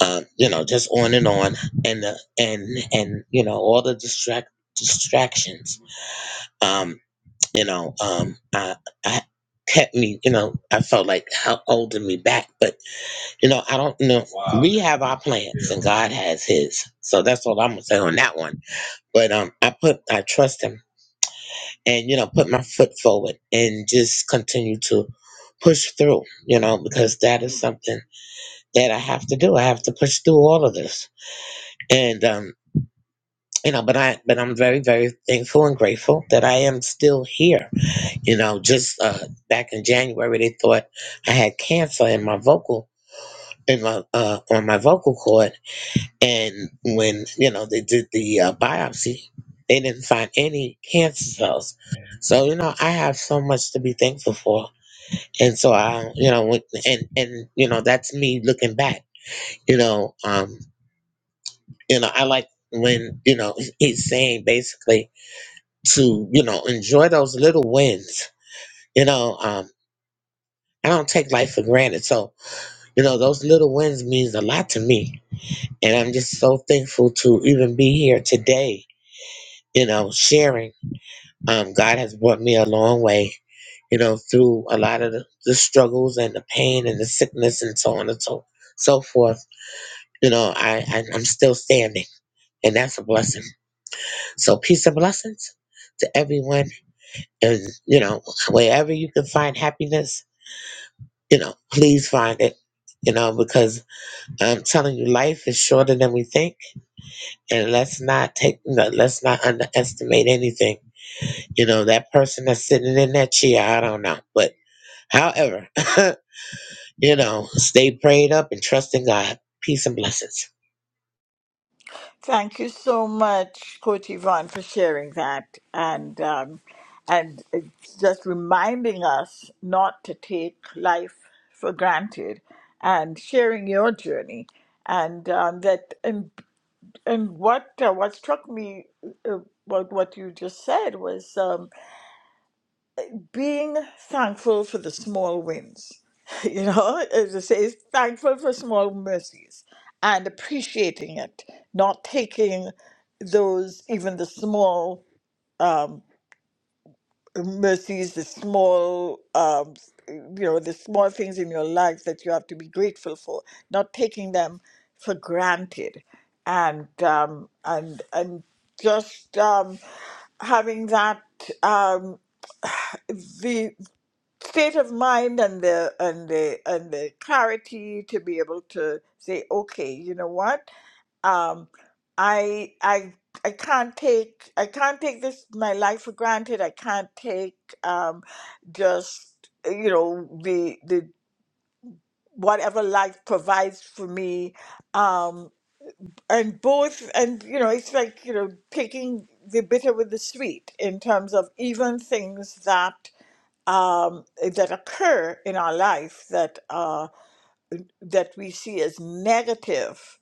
Speaker 10: uh, you know, just on and on, and uh, and and you know, all the distract distractions. Um, you know, um, I, I kept me, you know, I felt like how holding me back, but you know, I don't you know. Wow. We have our plans Yeah. and God has his. So that's all I'm gonna say on that one. But um, I put, I trust him and, you know, put my foot forward and just continue to push through, you know, because that is something that I have to do. I have to push through all of this. And, um, you know, but I, but I'm very, very thankful and grateful that I am still here You know, just uh, back in January, they thought I had cancer in my vocal in my uh, on my vocal cord, and when you know they did the uh, biopsy, they didn't find any cancer cells. So you know, I have so much to be thankful for. And so I, you know, went- and and you know, that's me looking back. You know, um, you know, I like when you know he's saying basically to you know enjoy those little wins. You know, um, I don't take life for granted. So You know, those little wins means a lot to me. And I'm just so thankful to even be here today, you know, sharing. Um, God has brought me a long way, you know, through a lot of the, the struggles and the pain and the sickness and so on and so, so forth. You know, I, I, I'm still standing and that's a blessing. So peace and blessings to everyone. And, you know, wherever you can find happiness, you know, please find it, you know, because I'm telling you, life is shorter than we think and let's not take no, let's not underestimate anything you know that person that's sitting in that chair i don't know but however you know stay prayed up and trust in god peace and blessings
Speaker 1: Thank you so much, Coach Yvonne, for sharing that and um, and it's just reminding us not to take life for granted and sharing your journey and um, that and and what uh, what struck me uh, what what you just said was. Um, being thankful for the small wins. You know, as it says, thankful for small mercies and appreciating it, not taking those, even the small um, mercies, the small, um, you know, the small things in your life that you have to be grateful for, not taking them for granted, and um, and and just um, having that um, the state of mind and the and the and the clarity to be able to say, okay, you know what? um i i i can't take i can't take this my life for granted i can't take um just uh, you know the the whatever life provides for me um and both and you know it's like you know taking the bitter with the sweet in terms of even things that um, that occur in our life that uh, that we see as negative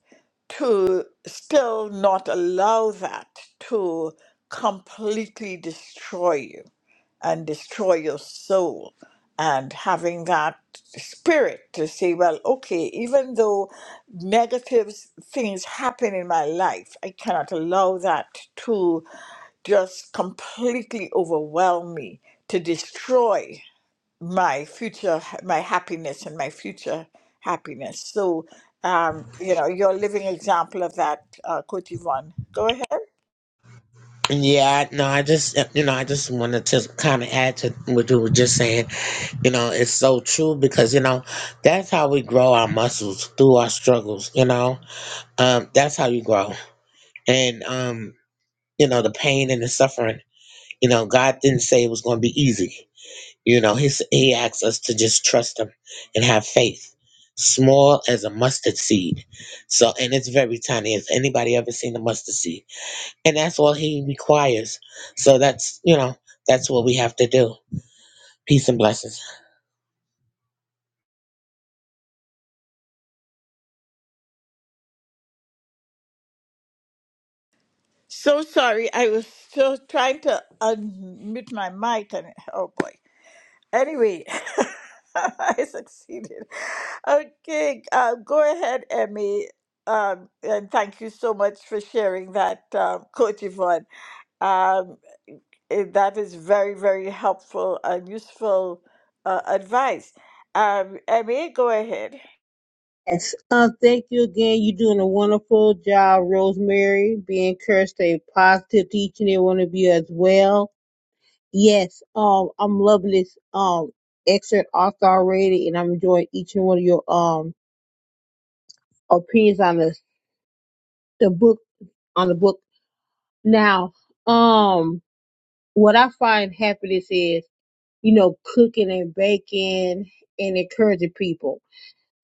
Speaker 1: to still not allow that to completely destroy you and destroy your soul and having that spirit to say well okay even though negative things happen in my life i cannot allow that to just completely overwhelm me to destroy my future, my happiness and my future happiness. So, um, you know, you're a living example of that, uh, Coach Yvonne. Go ahead.
Speaker 10: yeah I- no i just uh, you know i just wanted to kind of add to what you were just saying you know it's so true because you know that's how we grow our muscles through our struggles you know um that's how you grow and um you know the pain and the suffering you know god didn't say it was going to be easy You know, he's, he asks us to just trust him and have faith, small as a mustard seed. So, and it's very tiny. Has anybody ever seen a mustard seed? And that's all he requires. So that's, you know, that's what we have to do. Peace and blessings.
Speaker 1: So sorry, I was still trying to unmute my mic, and oh boy. Anyway, I succeeded. Okay, uh, go ahead, Emmy. Um, and thank you so much for sharing that, um, Coach Yvonne. Um, Eh, that is very, very helpful and useful uh, advice. Um, Emmy, go ahead.
Speaker 3: Yes. Uh, thank you again. You're doing a wonderful job, Rosemary. Be encouraged, stay positive to each and every one of you as well. Yes, um, I'm loving this um excerpt author already, and I'm enjoying each and one of your um opinions on the the book on the book. Now, um, what I find happiness is you know cooking and baking and encouraging people.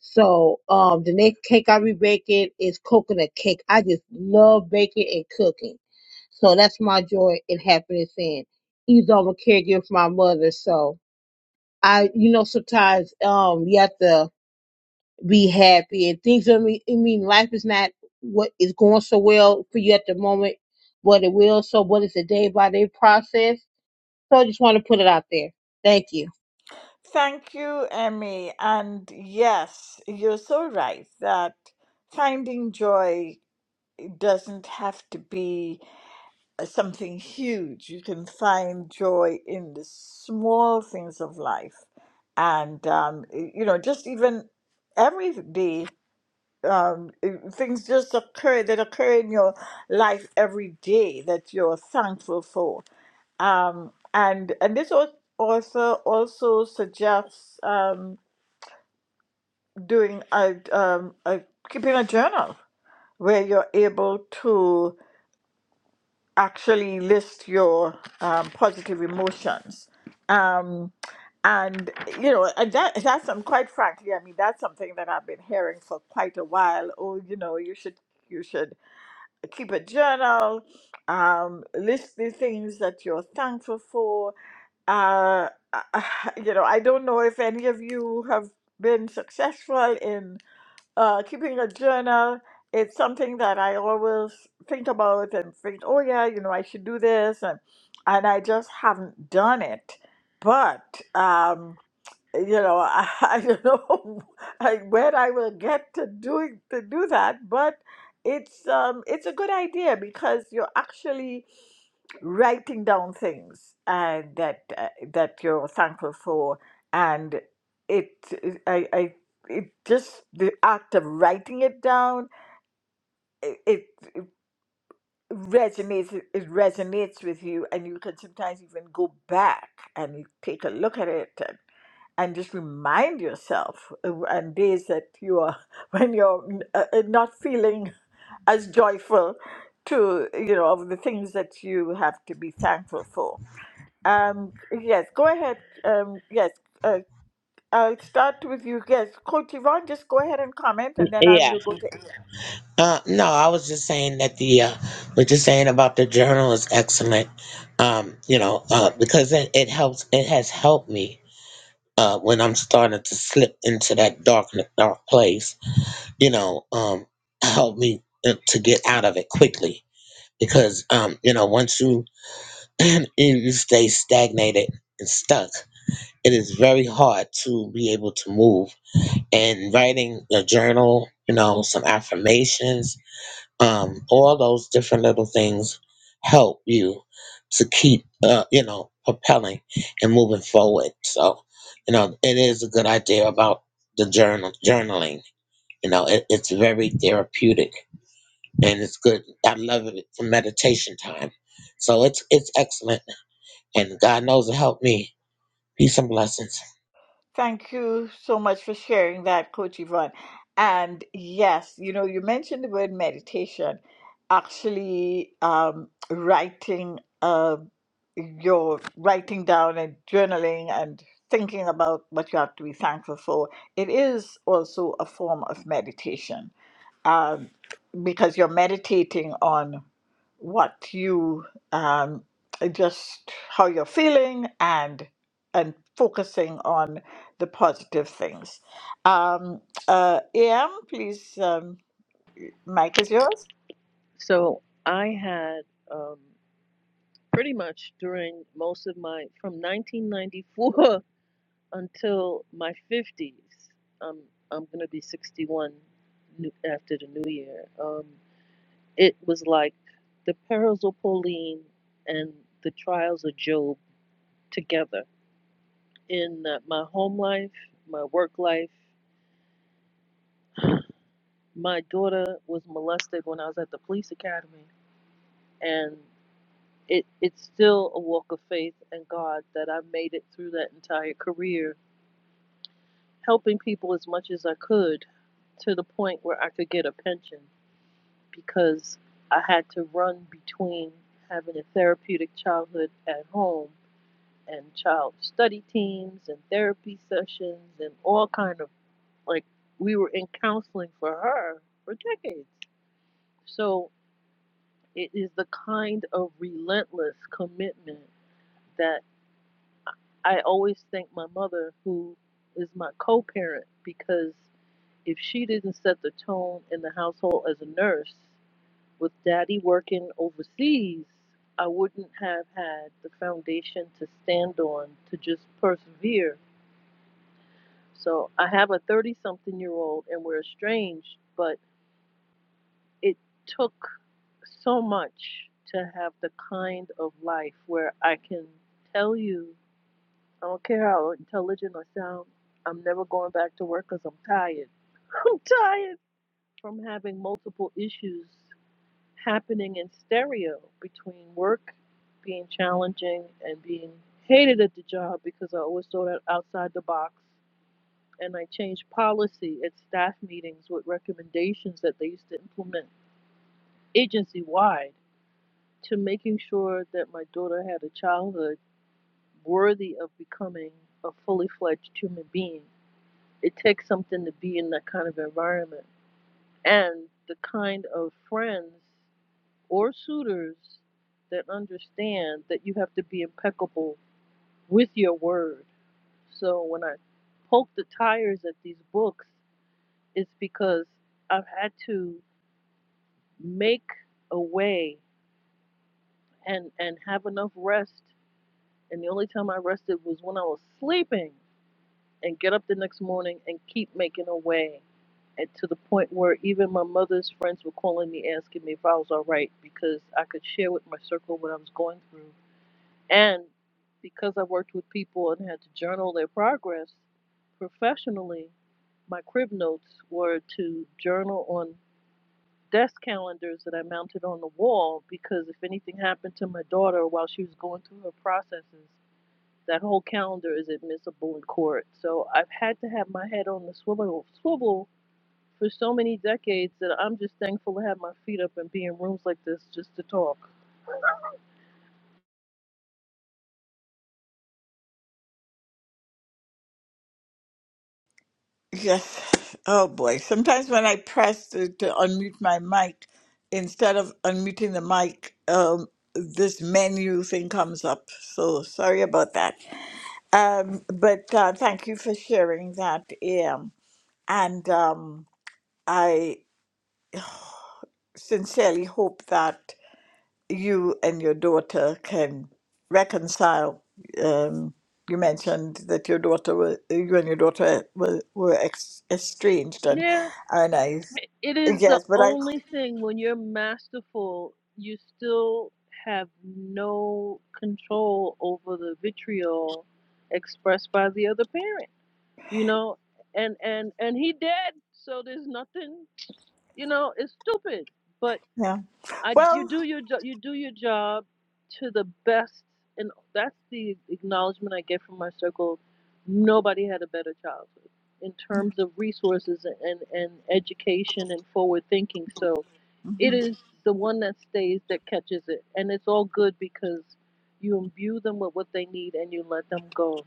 Speaker 3: So, um, the next cake I'll be baking is coconut cake. I just love baking and cooking, so that's my joy and happiness. And he's on a caregiver for my mother, so. I, you know, sometimes um you have to be happy and things. I mean, I mean, life is not what is going so well for you at the moment, but it will. So, but it's a day by day process. So, I just want to put it out there. Thank you.
Speaker 1: Thank you, Emmy. And yes, you're so right that finding joy doesn't have to be uh, something huge. You can find joy in the small things of life. And, um, y- you know, just even every day um, things just occur that occur in your life every day that you're thankful for. Um, and and this al- also also suggests um, doing a, um, a keeping a journal where you're able to actually list your um, positive emotions. Um, and you know and that that's some quite frankly i mean that's something that i've been hearing for quite a while oh you know you should you should keep a journal, um, list the things that you're thankful for. Uh, uh, you know, I don't know if any of you have been successful in uh, keeping a journal. It's something that I always think about and think, oh yeah, you know, I should do this, and and I just haven't done it. But um, you know, I, I don't know I- when I will get to doing to do that, but it's um it's a good idea because you're actually writing down things uh, that uh, that you're thankful for, and it I I it just the act of writing it down it. it resonates it resonates with you and you can sometimes even go back and you take a look at it and, and just remind yourself of- on days that you are when you're uh, uh, not feeling as joyful to you know of the things that you have to be thankful for um yes go ahead um yes uh, i'll start with you yes coach yvonne just go ahead and comment and then i
Speaker 10: Yeah,
Speaker 1: will go to
Speaker 10: Uh, no, I was just saying that the uh, we're just saying about the journal is excellent. Um, you know, uh, because it, it helps. It has helped me uh, when I'm starting to slip into that dark dark place. You know, um, help me uh, to get out of it quickly because um, you know once you you you stay stagnated and stuck, it is very hard to be able to move. And writing a journal, you know, some affirmations um, all those different little things help you to keep uh, you know propelling and moving forward so you know it is a good idea about the journal journaling you know it, it's very therapeutic and it's good i love it for meditation time so it's it's excellent and god knows it helped me peace and blessings
Speaker 1: Thank you so much for sharing that, Coach Yvonne. And yes, you know, you mentioned the word meditation. Actually, um, writing uh, your writing down and journaling and thinking about what you have to be thankful for, it is also a form of meditation um, because you're meditating on what you um, just how you're feeling and and focusing on the positive things. Um, uh, Am, please, um, mic is yours.
Speaker 7: So I had um, pretty much during most of my from 1994 until my 50s. Um, I'm gonna be 61 new- after the new year. Um, it was like the perils of Pauline and the trials of Job together in uh, my home life, my work life. My daughter was molested when I was at the police academy, and it it's still a walk of faith and God that I made it through that entire career, helping people as much as I could to the point where I could get a pension because I had to run between having a therapeutic childhood at home and child study teams and therapy sessions and all kind of like we were in counseling for her for decades. So it is the kind of relentless commitment that. I always thank my mother, who is my co parent, because if she didn't set the tone in the household as a nurse, with daddy working overseas, I wouldn't have had the foundation to stand on to just persevere. So I have a 30 something year old and we're estranged, but it took so much to have the kind of life where I can tell you I don't care how intelligent I sound. I'm never going back to work because I'm tired. I'm tired from having multiple issues happening in stereo between work being challenging and being hated at the job because I always thought out- outside the box. And I changed policy at staff meetings with recommendations that they used to implement agency wide to making sure that my daughter had a childhood worthy of becoming a fully fledged human being It takes something to be in that kind of environment and the kind of friends or suitors that understand that you have to be impeccable with your word. So when I poke the tires at these books, it's because I've had to make a way and, and have enough rest. And the only time I rested was when I was sleeping and get up the next morning and keep making a way and to the point where even my mother's friends were calling me asking me if I was all right because I could share with my circle what I was going through. And because I worked with people and had to journal their progress professionally, my crib notes were to journal on desk calendars that I mounted on the wall because if anything happened to my daughter while she was going through her processes, that whole calendar is admissible in court. So I've had to have my head on the swivel, swivel for so many decades that I'm just thankful to have my feet up and be in rooms like this just to talk.
Speaker 1: Yes. Oh boy. Sometimes when I press to, to unmute my mic, instead of unmuting the mic, um, this menu thing comes up. So sorry about that. Um, but uh, thank you for sharing that, AM. And um, I sincerely hope that you and your daughter can reconcile. Um, you mentioned that your daughter, were, you and your daughter were, were ex- estranged, and
Speaker 7: Yeah,
Speaker 1: and I
Speaker 7: i- it is the
Speaker 1: yes, but I
Speaker 7: only thing when you're masterful, you still have no control over the vitriol expressed by the other parent, you know? And and and he dead, so there's nothing, you know, it's stupid. but.
Speaker 1: yeah.
Speaker 7: I you
Speaker 1: Well,
Speaker 7: do your job you do your job to the best and that's the acknowledgement I get from my circle. Nobody had a better childhood in terms of resources and, and education and forward thinking. So
Speaker 1: mm-hmm.
Speaker 7: it is the one that stays that catches it. And it's all good because you imbue them with what they need and you let them go.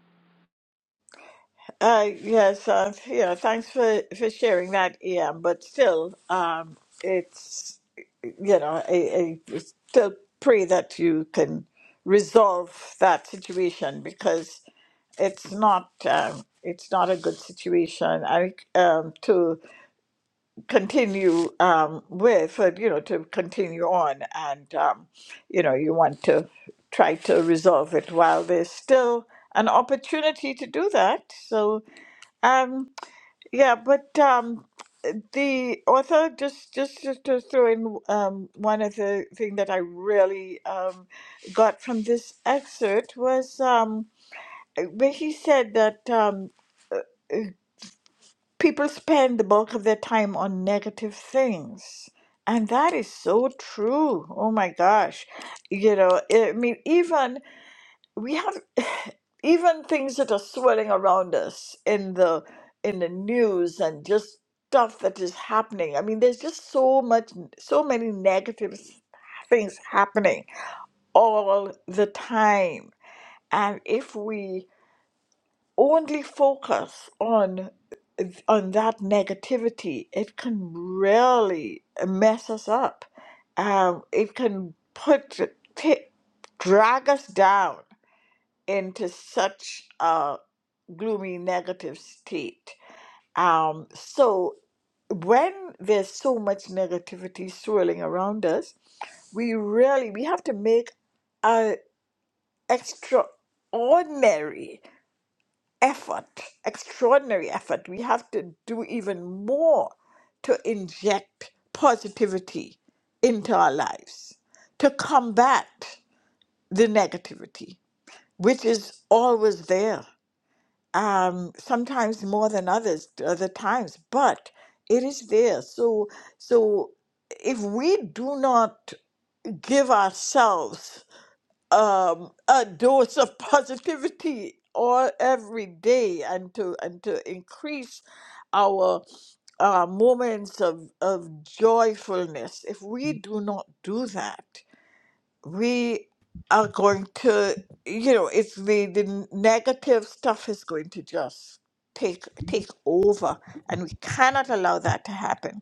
Speaker 1: Uh, yes, uh, yeah, thanks for, for sharing that, Ian. But still, um, it's, you know, I, I still pray that you can resolve that situation because it's not um, it's not a good situation I, um, to continue um, with, uh, you know, to continue on. And, um, you know, you want to try to resolve it while there's still an opportunity to do that. So, um, yeah, but um, the author just just just to throw in um, one other thing that I really um, got from this excerpt was um, where he said that um, people spend the bulk of their time on negative things, and that is so true. Oh my gosh, you know, I mean, even we have even things that are swirling around us in the in the news and just stuff that is happening i mean there's just so much so many negative s- things happening all the time and if we only focus on on that negativity it can really mess us up um, it can put ta- drag us down into such a gloomy negative state. Um, so when there's so much negativity swirling around us, we really we have to make an extraordinary effort, extraordinary effort. We have to do even more to inject positivity into our lives, to combat the negativity, which is always there. um, sometimes more than others, other times, but it is there. So, so if we do not give ourselves um, a dose of positivity all every day and to and to increase our uh, moments of, of joyfulness, if we do not do that, we are going to you know it's the the negative stuff is going to just take take over and we cannot allow that to happen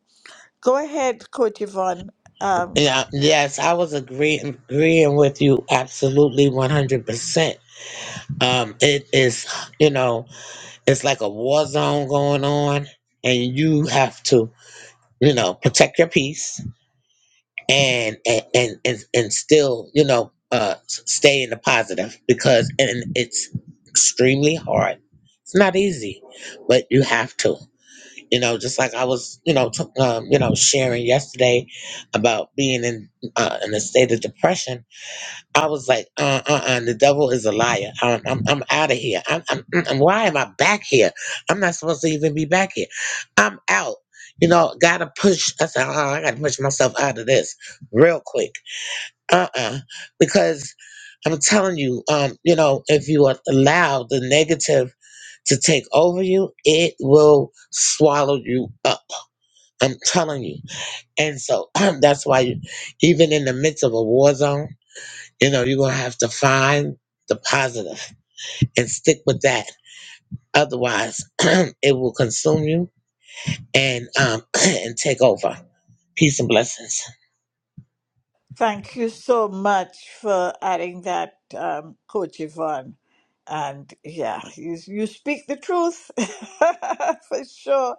Speaker 1: go ahead coach yvonne Um,
Speaker 10: yeah yes i was agreeing agreeing with you absolutely 100% um it is you know it's like a war zone going on and you have to you know protect your peace and and and, and, and still you know uh s- stay in the positive because and it's extremely hard it's not easy but you have to you know just like i was you know t- um, you know sharing yesterday about being in uh, in a state of depression I was like, uh, uh, uh, the devil is a liar. I'm, I'm, I'm out of here. I'm, I'm, mm, mm, why am I back here? I'm not supposed to even be back here. I'm out. You know, gotta push. I said, uh, I gotta push myself out of this real quick. Uh, uh because I'm telling you, um, you know, if you allow the negative to take over you, it will swallow you up. I'm telling you. And so that's why, you, even in the midst of a war zone. You know, you're going to have to find the positive and stick with that. Otherwise, it will consume you and um, and take over. Peace and blessings.
Speaker 1: Thank you so much for adding that, um, Coach Yvonne. And yeah, you, you speak the truth for sure.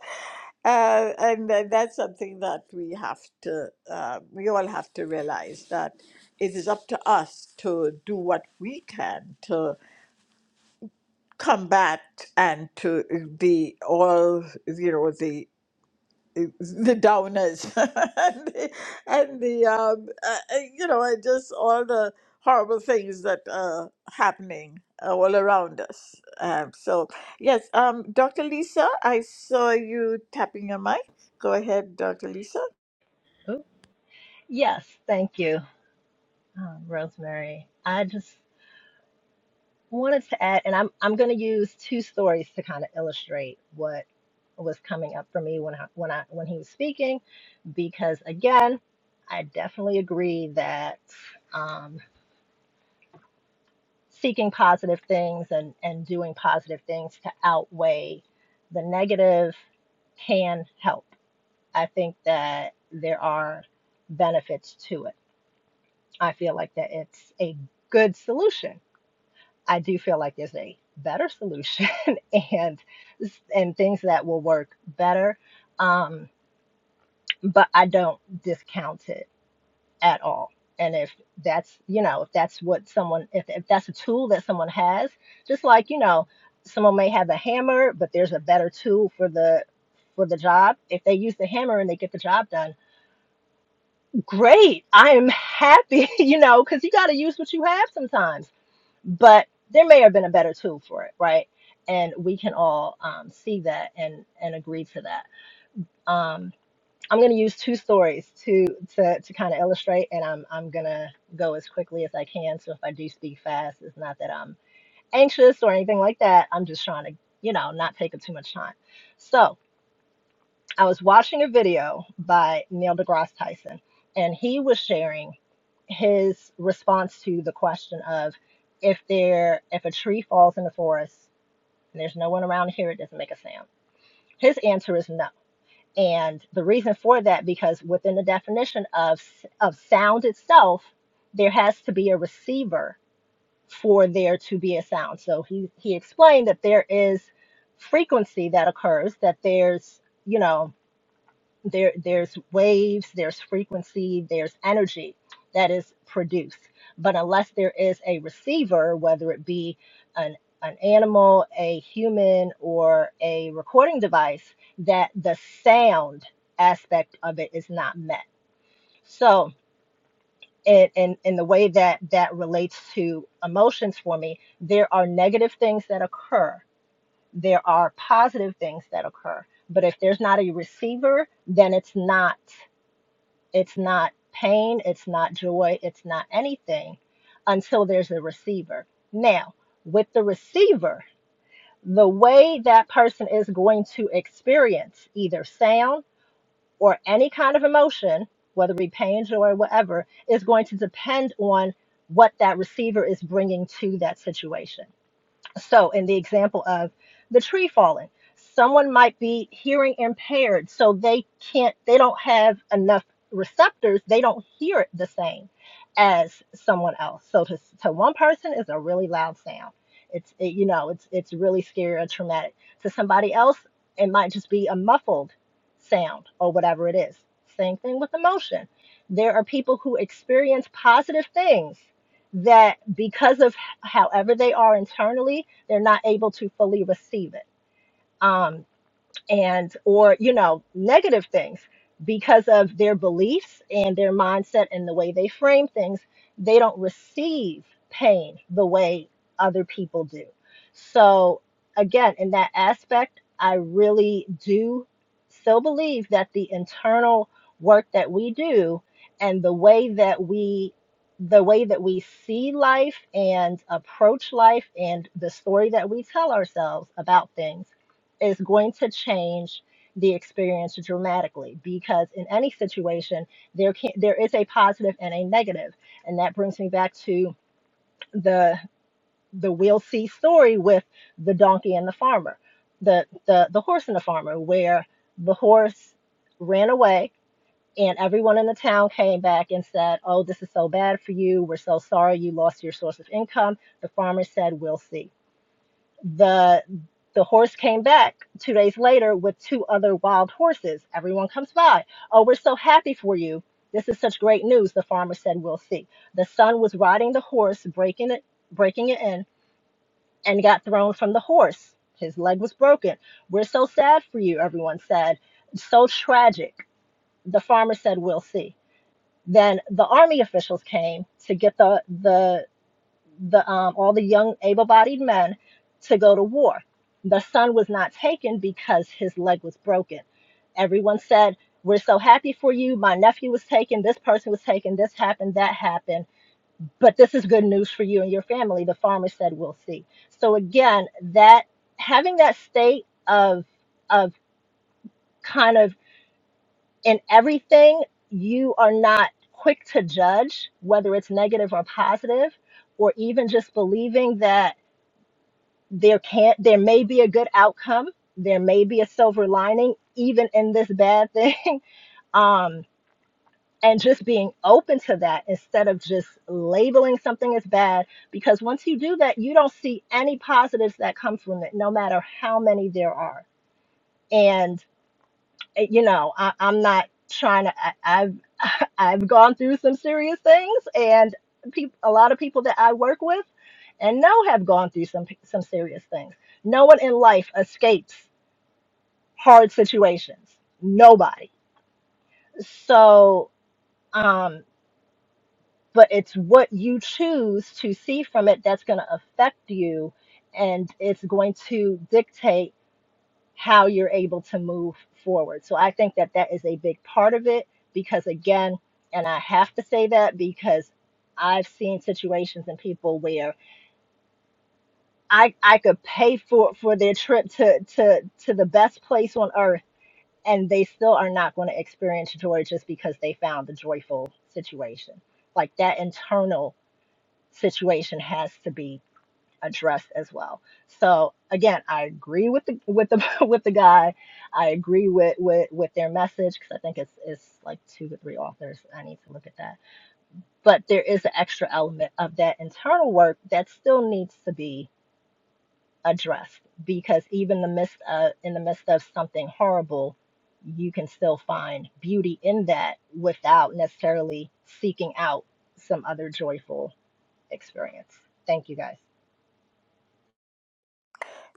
Speaker 1: Uh, and uh, that's something that we have to, uh, we all have to realize that it is up to us to do what we can to combat and to the all, you know, the downers and the, and the um, uh, uh, you know and just all the horrible things that are happening uh, all around us um, so yes um, dr lisa i saw you tapping your mic go ahead dr lisa
Speaker 4: Oh, yes, thank you, um, Rosemary. I just wanted to add, and I'm I'm going to use two stories to kind of illustrate what was coming up for me when I when I when he was speaking, because again, I definitely agree that um, seeking positive things and and doing positive things to outweigh the negative can help. I think that there are benefits to it. I feel like that it's a good solution. I do feel like there's a better solution and and things that will work better. Um, but I don't discount it at all. And if that's you know if that's what someone if, if that's a tool that someone has, just like you know someone may have a hammer, but there's a better tool for the for the job. If they use the hammer and they get the job done great. I am happy, you know, because you got to use what you have sometimes. But there may have been a better tool for it, right? And we can all um, see that and and agree to that. Um, I'm going to use two stories to to to kind of illustrate, and I'm I'm gonna go as quickly as I can. So if I do speak fast, it's not that I'm anxious or anything like that. I'm just trying to, you know, not take up too much time. So I was watching a video by Neil deGrasse Tyson, and he was sharing his response to the question of if there if a tree falls in the forest and there's no one around here, it, doesn't make a sound. His answer is no, and the reason for that because within the definition of of sound itself, there has to be a receiver for there to be a sound. So he he explained that there is frequency that occurs that there's you know there there's waves there's frequency there's energy that is produced but unless there is a receiver whether it be an an animal a human or a recording device that the sound aspect of it is not met so in, in, in the way that that relates to emotions for me there are negative things that occur there are positive things that occur but if there's not a receiver then it's not it's not pain, it's not joy, it's not anything until there's a receiver. Now, with the receiver, the way that person is going to experience either sound or any kind of emotion, whether it be pain, joy, whatever, is going to depend on what that receiver is bringing to that situation. So, in the example of the tree falling, someone might be hearing impaired, so they can't, they don't have enough receptors, they don't hear it the same as someone else. So, to, to one person, is a really loud sound. It's, it, you know, it's it's really scary or traumatic. To somebody else, it might just be a muffled sound or whatever it is. Same thing with emotion. There are people who experience positive things that, because of however they are internally, they're not able to fully receive it. Um, and or you know negative things because of their beliefs and their mindset and the way they frame things they don't receive pain the way other people do so again in that aspect i really do still believe that the internal work that we do and the way that we the way that we see life and approach life and the story that we tell ourselves about things is going to change the experience dramatically because in any situation there can there is a positive and a negative and that brings me back to the the we'll see story with the donkey and the farmer the the the horse and the farmer where the horse ran away and everyone in the town came back and said oh this is so bad for you we're so sorry you lost your source of income the farmer said we'll see the the horse came back two days later with two other wild horses. Everyone comes by. Oh, we're so happy for you. This is such great news, the farmer said, We'll see. The son was riding the horse, breaking it breaking it in, and got thrown from the horse. His leg was broken. We're so sad for you, everyone said. So tragic. The farmer said, We'll see. Then the army officials came to get the the the um, all the young able-bodied men to go to war. The son was not taken because his leg was broken. Everyone said, "We're so happy for you. My nephew was taken. This person was taken. This happened. That happened. But this is good news for you and your family." The farmer said, "We'll see." So again, that having that state of of kind of in everything, you are not quick to judge whether it's negative or positive, or even just believing that there can there may be a good outcome there may be a silver lining even in this bad thing um and just being open to that instead of just labeling something as bad because once you do that you don't see any positives that come from it no matter how many there are and eh, you know I, i'm not trying to I, i've i've gone through some serious things and peop, a lot of people that i work with and know have gone through some some serious things no one in life escapes hard situations. Nobody. So, um, but it's what you choose to see from it that's going to affect you, and it's going to dictate how you're able to move forward. So, I think that that is a big part of it because, again, and I have to say that because I've seen situations and people where I I could pay for for their trip to to to the best place on earth and they still are not going to experience joy just because they found the joyful situation. Like that internal situation has to be addressed as well. So again, I agree with the with the with the guy. I agree with with with their message because I think it's it's like two or three authors. I need to look at that. But there is an extra element of that internal work that still needs to be addressed because even the midst of in the midst of something horrible you can still find beauty in that without necessarily seeking out some other joyful experience thank you guys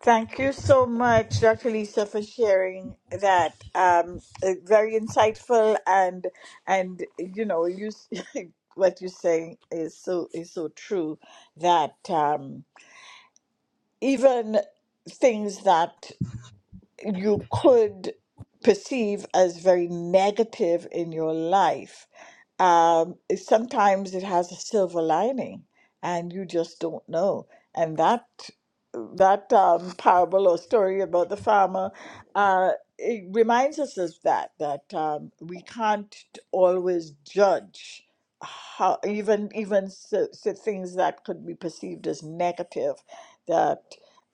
Speaker 1: thank you so much dr lisa for sharing that um, uh, very insightful and and you know you s- what you're saying is so is so true that um, even things that you could perceive as very negative in your life, um, it- sometimes it has a silver lining, and you just don't know. And that that um, parable or story about the farmer uh, it reminds us of that that um, we can't always judge how even even so, so things that could be perceived as negative that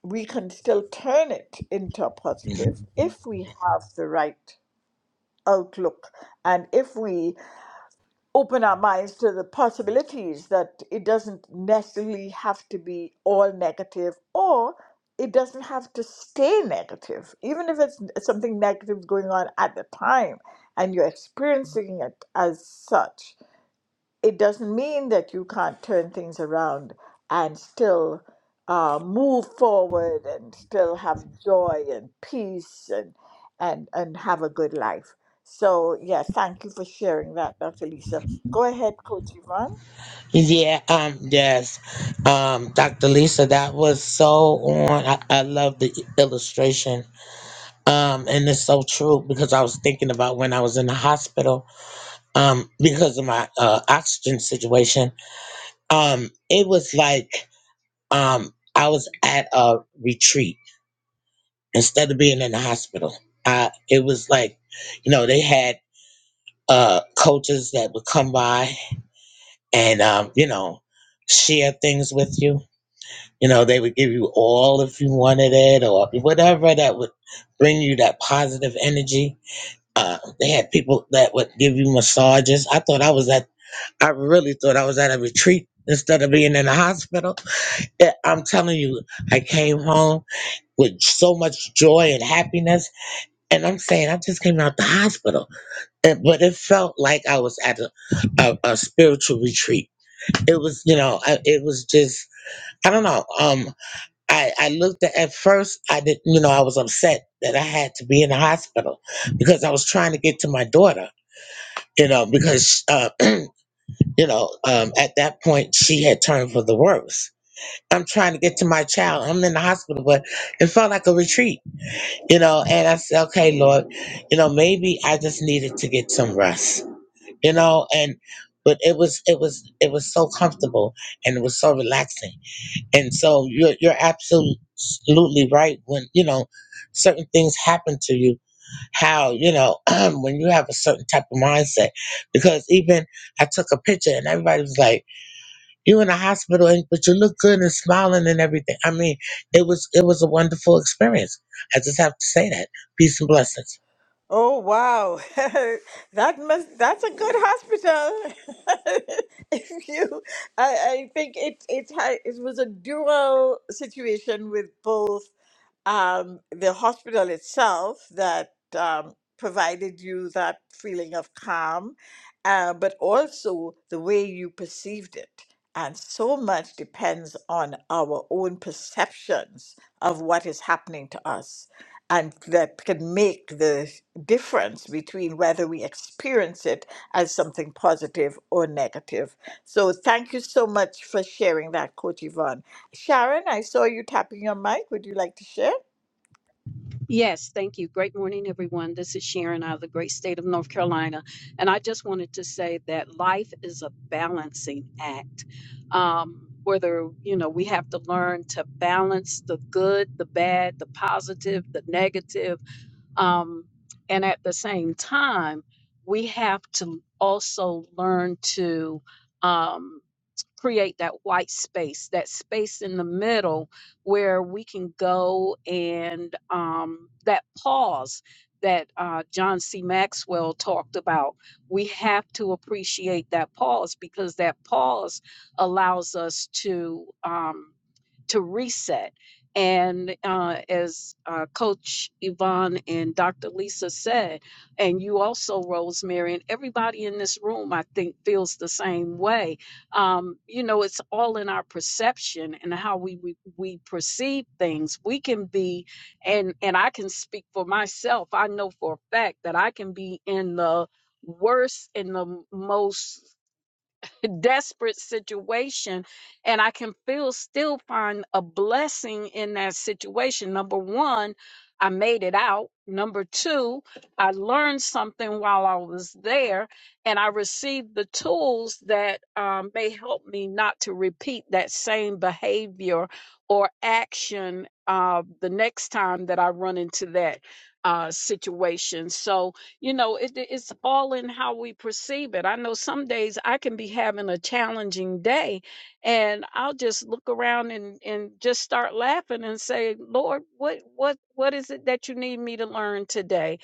Speaker 1: we can still turn it into a
Speaker 10: Mhm.
Speaker 1: positive if we have the right outlook and if we open our minds to the possibilities that it doesn't necessarily have to be all negative or it doesn't have to stay negative even if it's something negative going on at the time and you're experiencing it as such it doesn't mean that you can't turn things around and still uh, move forward and still have joy and peace and and and have a good life. So yeah, thank you for sharing that, Dr. Lisa. Go ahead, Coach Yvonne.
Speaker 10: Yeah, um, yes, um, Dr. Lisa, that was so on. I, I love the illustration. Um, and it's so true because I was thinking about when I was in the hospital, um, because of my uh, oxygen situation. Um, it was like um, I was at a retreat instead of being in the hospital. I it was like, you know, they had uh coaches that would come by and um, you know, share things with you. You know, they would give you all if you wanted it or whatever that would bring you that positive energy. Uh, they had people that would give you massages. I thought I was at I really thought I was at a retreat instead of being in the hospital. Yeah, I'm telling you, I came home with so much joy and happiness And I'm saying I just came out the hospital, and, but it felt like I was at a, a, a spiritual retreat. It was, you know, I, it was just I don't know. Um, I I looked at at first I didn't, you know, I was upset that I had to be in the hospital because I was trying to get to my daughter, you know, because uh, you know, um, at that point she had turned for the worse. I'm trying to get to my child. I'm in the hospital, but it felt like a retreat You know, and I said, okay, Lord, you know, maybe I just needed to get some rest. You know, and but it was it was it was so comfortable and it was so relaxing. And so you're you're absolutely right when, you know, certain things happen to you, how, you know, when you have a certain type of mindset. Because even I took a picture and everybody was like, you in the hospital and but you look good and smiling and everything. I mean, it was it was a wonderful experience. I just have to say that. Peace and blessings.
Speaker 1: Oh wow, that must that's a good hospital. if you, I, I think it it ha- it was a dual situation with both um, the hospital itself that um, provided you that feeling of calm, uh, but also the way you perceived it. And so much depends on our own perceptions of what is happening to us. And that can make the difference between whether we experience it as something positive or negative. So, thank you so much for sharing that, Coach Yvonne. Sharon, I saw you tapping your mic. Would you like to share?
Speaker 9: Yes, thank you. Great morning, everyone. This is Sharon out of the great state of North Carolina. And I just wanted to say that life is a balancing act. Um, whether, you know, we have to learn to balance the good, the bad, the positive, the negative. Um, and at the same time, we have to also learn to. Um, create that white space, that space in the middle where we can go and um, that pause that uh, John C. Maxwell talked about. We have to appreciate that pause because that pause allows us to. um, to reset. And uh, as uh, Coach Yvonne and Dr. Lisa said, and you also, Rosemary, and everybody in this room, I think, feels the same way. Um, you know, it's all in our perception and how we, we we perceive things. We can be, and and I can speak for myself. I know for a fact that I can be in the worst and the most desperate situation and I can feel still find a blessing in that situation. Number one, I made it out. Number two, I learned something while I was there and I received the tools that um, may help me not to repeat that same behavior or action uh, the next time that I run into that uh, situation. So, you know it, it's all in how we perceive it i know some days i can be having a challenging day and i'll just look around and and just start laughing and say lord what what what is it that you need me to learn today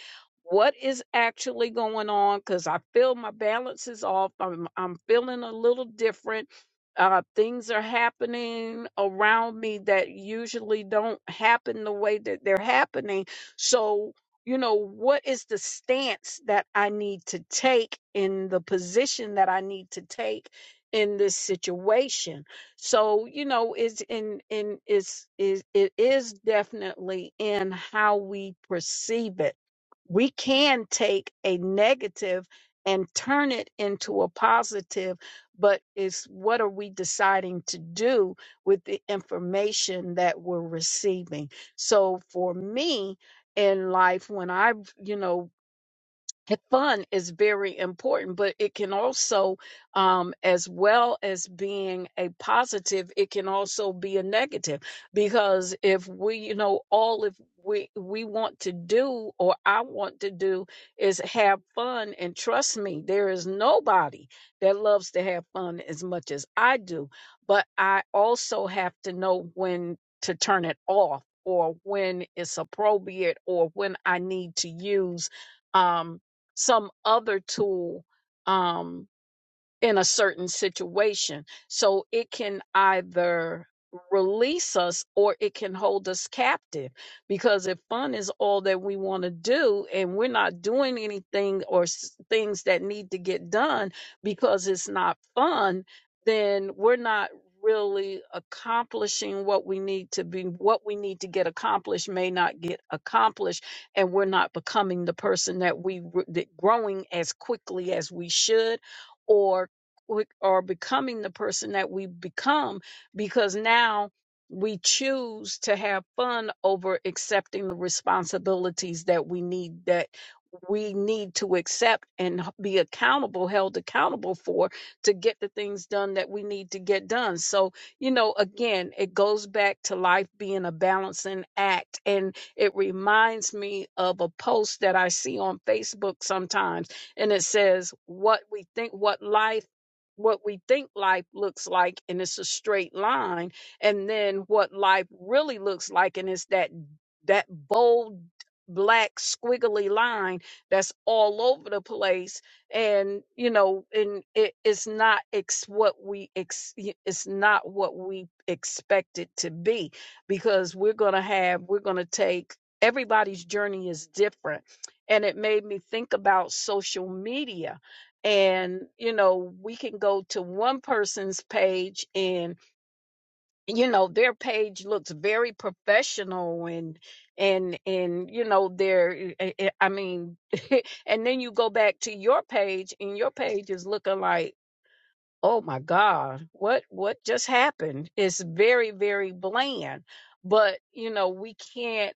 Speaker 9: what is actually going on because i feel my balance is off i'm, I'm feeling a little different uh, things are happening around me that usually don't happen the way that they're happening so you know, what is the stance that I need to take in the position that I need to take in this situation? So, you know, it's in in is is it is definitely in how we perceive it we can take a negative and turn it into a positive, but it's what are we deciding to do with the information that we're receiving? So for me in life, when I've, you know, and fun is very important, but it can also, um, as well as being a positive, it can also be a negative because if we, you know, all if we we want to do or I want to do is have fun, and trust me, there is nobody that loves to have fun as much as I do. But I also have to know when to turn it off, or when it's appropriate, or when I need to use. Um, some other tool um, in a certain situation. So it can either release us or it can hold us captive because if fun is all that we want to do and we're not doing anything or s- things that need to get done because it's not fun, then we're not really accomplishing what we need to be what we need to get accomplished may not get accomplished and we're not becoming the person that we re- that growing as quickly as we should or we are becoming the person that we become because now we choose to have fun over accepting the responsibilities that we need that we need to accept and h- be accountable held accountable for to get the things done that we need to get done so you know again it goes back to life being a balancing act and it reminds me of a post that i see on facebook sometimes and it says what we think what life what we think life looks like and it's a straight line and then what life really looks like and it's that that bold black squiggly line that's all over the place and you know and it, it's not ex what we ex it's not what we expect it to be because we're gonna have we're gonna take everybody's journey is different and it made me think about social media and you know we can go to one person's page and you know their page looks very professional and and and you know they're i I- I mean and then you go back to your page and your page is looking like oh my god what what just happened it's very very bland but you know we can't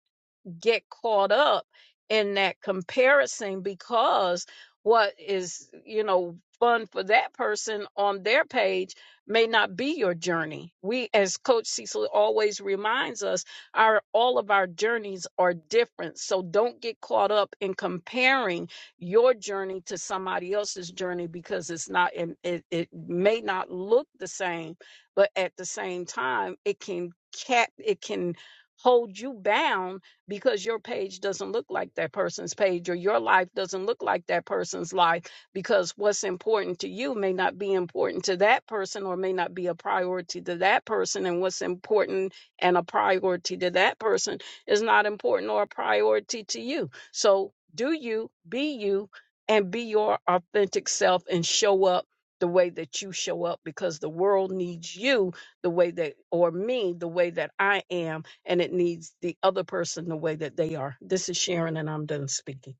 Speaker 9: get caught up in that comparison because what is, you know, fun for that person on their page may not be your journey. We as coach Cecil always reminds us, our all of our journeys are different. So don't get caught up in comparing your journey to somebody else's journey because it's not it, it, it may not look the same, but at the same time it can cap it can hold you bound because your page doesn't look like that person's page or your life doesn't look like that person's life because what's important to you may not be important to that person or may not be a priority to that person and what's important and a priority to that person is not important or a priority to you so do you be you and be your authentic self and show up the way that you show up because the world needs you the way that or me the way that I am and it needs the other person the way that they are. This is Sharon, and I'm done speaking.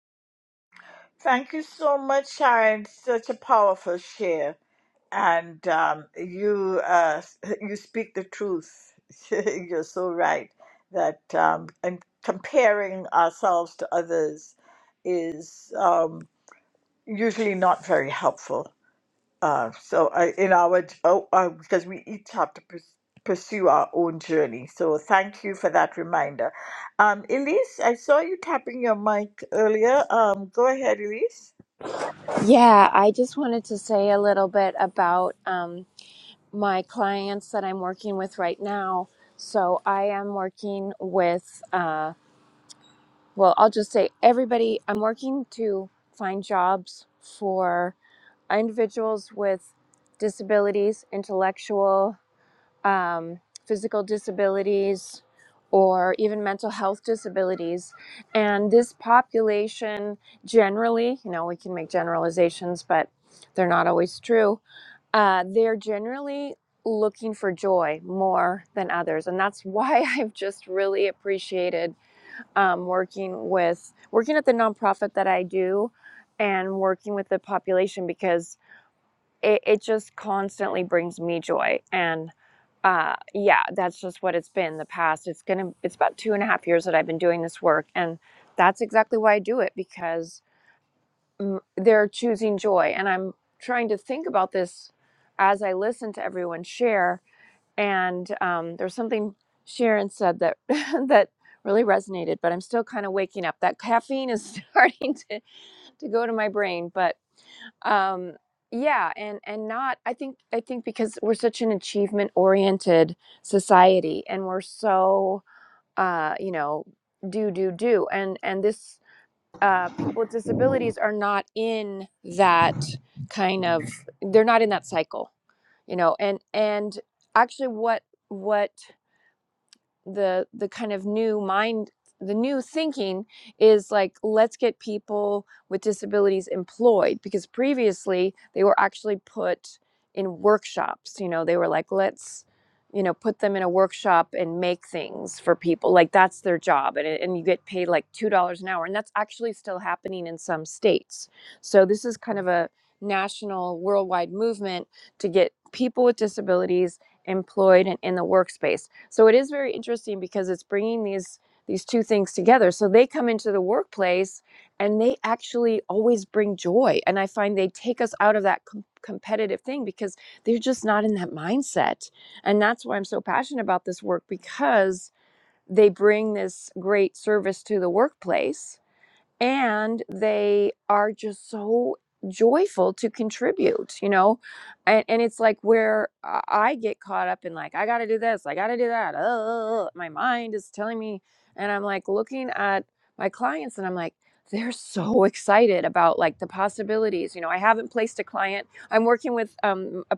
Speaker 1: Thank you so much, Sharon. Such a powerful share, and um, you uh, you speak the truth. You're so right that um, and comparing ourselves to others is um, usually not very helpful. Uh, so I, in our, oh, uh, because we each have to pers- pursue our own journey. So thank you for that reminder. Um, Elise, I saw you tapping your mic earlier. Um, go ahead, Elise.
Speaker 5: Yeah, I just wanted to say a little bit about um, my clients that I'm working with right now. So I am working with. uh, well, I'll just say everybody, I'm working to find jobs for individuals with disabilities, intellectual, um, physical disabilities, or even mental health disabilities. And this population generally, you know, we can make generalizations, but they're not always true. Uh, they're generally looking for joy more than others. And that's why I've just really appreciated um, working with working at the nonprofit that I do and working with the population because it, it just constantly brings me joy and uh, yeah that's just what it's been in the past it's gonna it's about two and a half years that I've been doing this work and that's exactly why I do it because mm, they're choosing joy and I'm trying to think about this as I listen to everyone share and um, there was something Sharon said that that really resonated. But I'm still kind of waking up. That caffeine is starting to to go to my brain, but um, yeah, and and not. I think I think because we're such an achievement oriented society, and we're so uh, you know do do do, and and this uh, people with disabilities are not in that kind of. They're not in that cycle you know and and actually what what the the kind of new mind the new thinking is like let's get people with disabilities employed because previously they were actually put in workshops you know they were like let's you know put them in a workshop and make things for people like that's their job and, it- and you get paid like two dollars an hour and that's actually still happening in some states so this is kind of a national worldwide movement to get people with disabilities employed and in the workspace so it is very interesting because it's bringing these these two things together. So they come into the workplace and they actually always bring joy and I find they take us out of that com- competitive thing because they're just not in that mindset. And that's why I'm so passionate about this work because they bring this great service to the workplace and they are just so joyful to contribute you know and, and it's like where i get caught up in like i gotta do this i gotta do that uh, my mind is telling me and i'm like looking at my clients and i'm like they're so excited about like the possibilities you know i haven't placed a client i'm working with um, a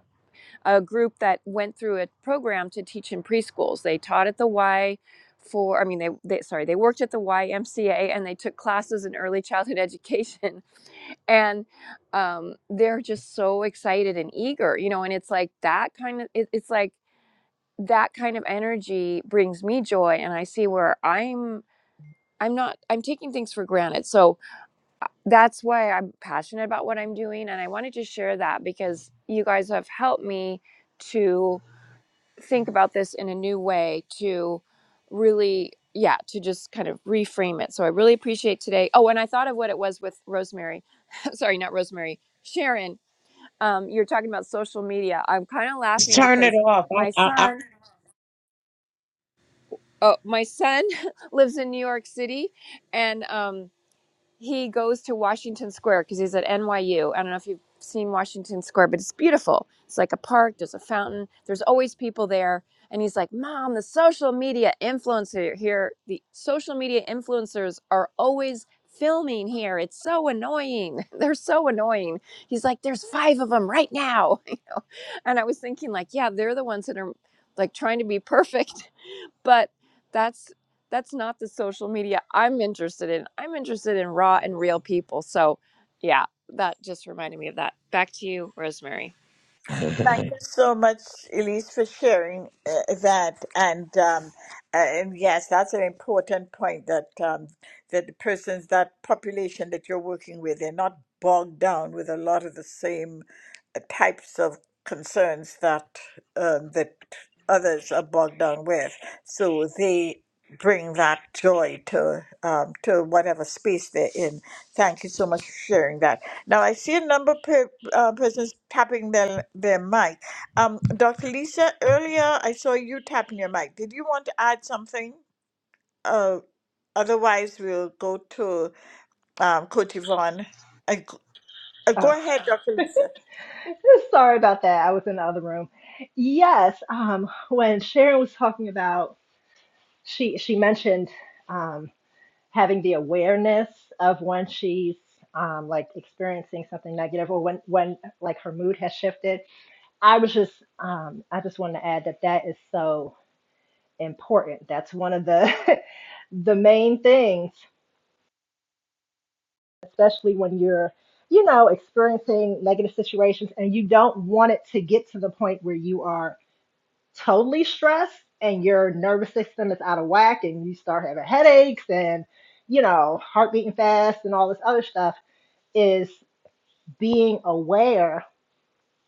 Speaker 5: a group that went through a program to teach in preschools. They taught at the Y for I mean they, they sorry, they worked at the YMCA and they took classes in early childhood education and um, they're just so excited and eager, you know, and it's like that kind of it, it's like that kind of energy brings me joy and I see where I'm I'm not I'm taking things for granted. So that's why I'm passionate about what I'm doing and I wanted to share that because you guys have helped me to think about this in a new way to really yeah to just kind of reframe it so i really appreciate today oh and i thought of what it was with rosemary sorry not rosemary sharon um, you're talking about social media i'm kind of
Speaker 10: Just
Speaker 5: laughing
Speaker 10: turn it
Speaker 5: because
Speaker 10: off.
Speaker 5: my
Speaker 10: I, I,
Speaker 5: son oh my son lives in new york city and um, he goes to Washington Square because he's at NYU. I don't know if you've seen Washington Square, but it's beautiful. It's like a park, there's a fountain, there's always people there. And he's like, Mom, the social media influencer here, the social media influencers are always filming here. It's so annoying. They're so annoying. He's like, There's five of them right now. And I was thinking, like, yeah, they're the ones that are like trying to be perfect but that's that's not the social media I'm interested in. I'm interested in raw and real people. So, yeah, that just reminded me of that. Back to you, Rosemary.
Speaker 1: Thank
Speaker 10: I,
Speaker 1: you so much, Elise, for sharing uh, that. And, um, uh, and yes, that's an important point that um, that the persons, that population that you're working with, they're not bogged down with a lot of the same uh, types of concerns that um, that others are bogged down with. So they bring that joy to um, to whatever space they're in. Thank you so much for sharing that. Now I see a number of per, uh, persons tapping their their mic. Um, Dr. Lisa, earlier I saw you tapping your mic. Did you want to add something? Uh, otherwise we'll go to um, Coach Yvonne. Uh, g- uh,
Speaker 4: oh
Speaker 1: go ahead, Dr. Lisa.
Speaker 4: sorry about that i was in the other room yes um when sharon was talking about she she mentioned um having the awareness of when she's um, like experiencing something negative or when when like her mood has shifted I was just, um, I just wanted to add that that is so important. That's one of the the main things, especially when you're, you know, experiencing negative situations and you don't want it to get to the point where you are totally stressed and your nervous system is out of whack and you start having headaches and, you know, heart beating fast and all this other stuff is being aware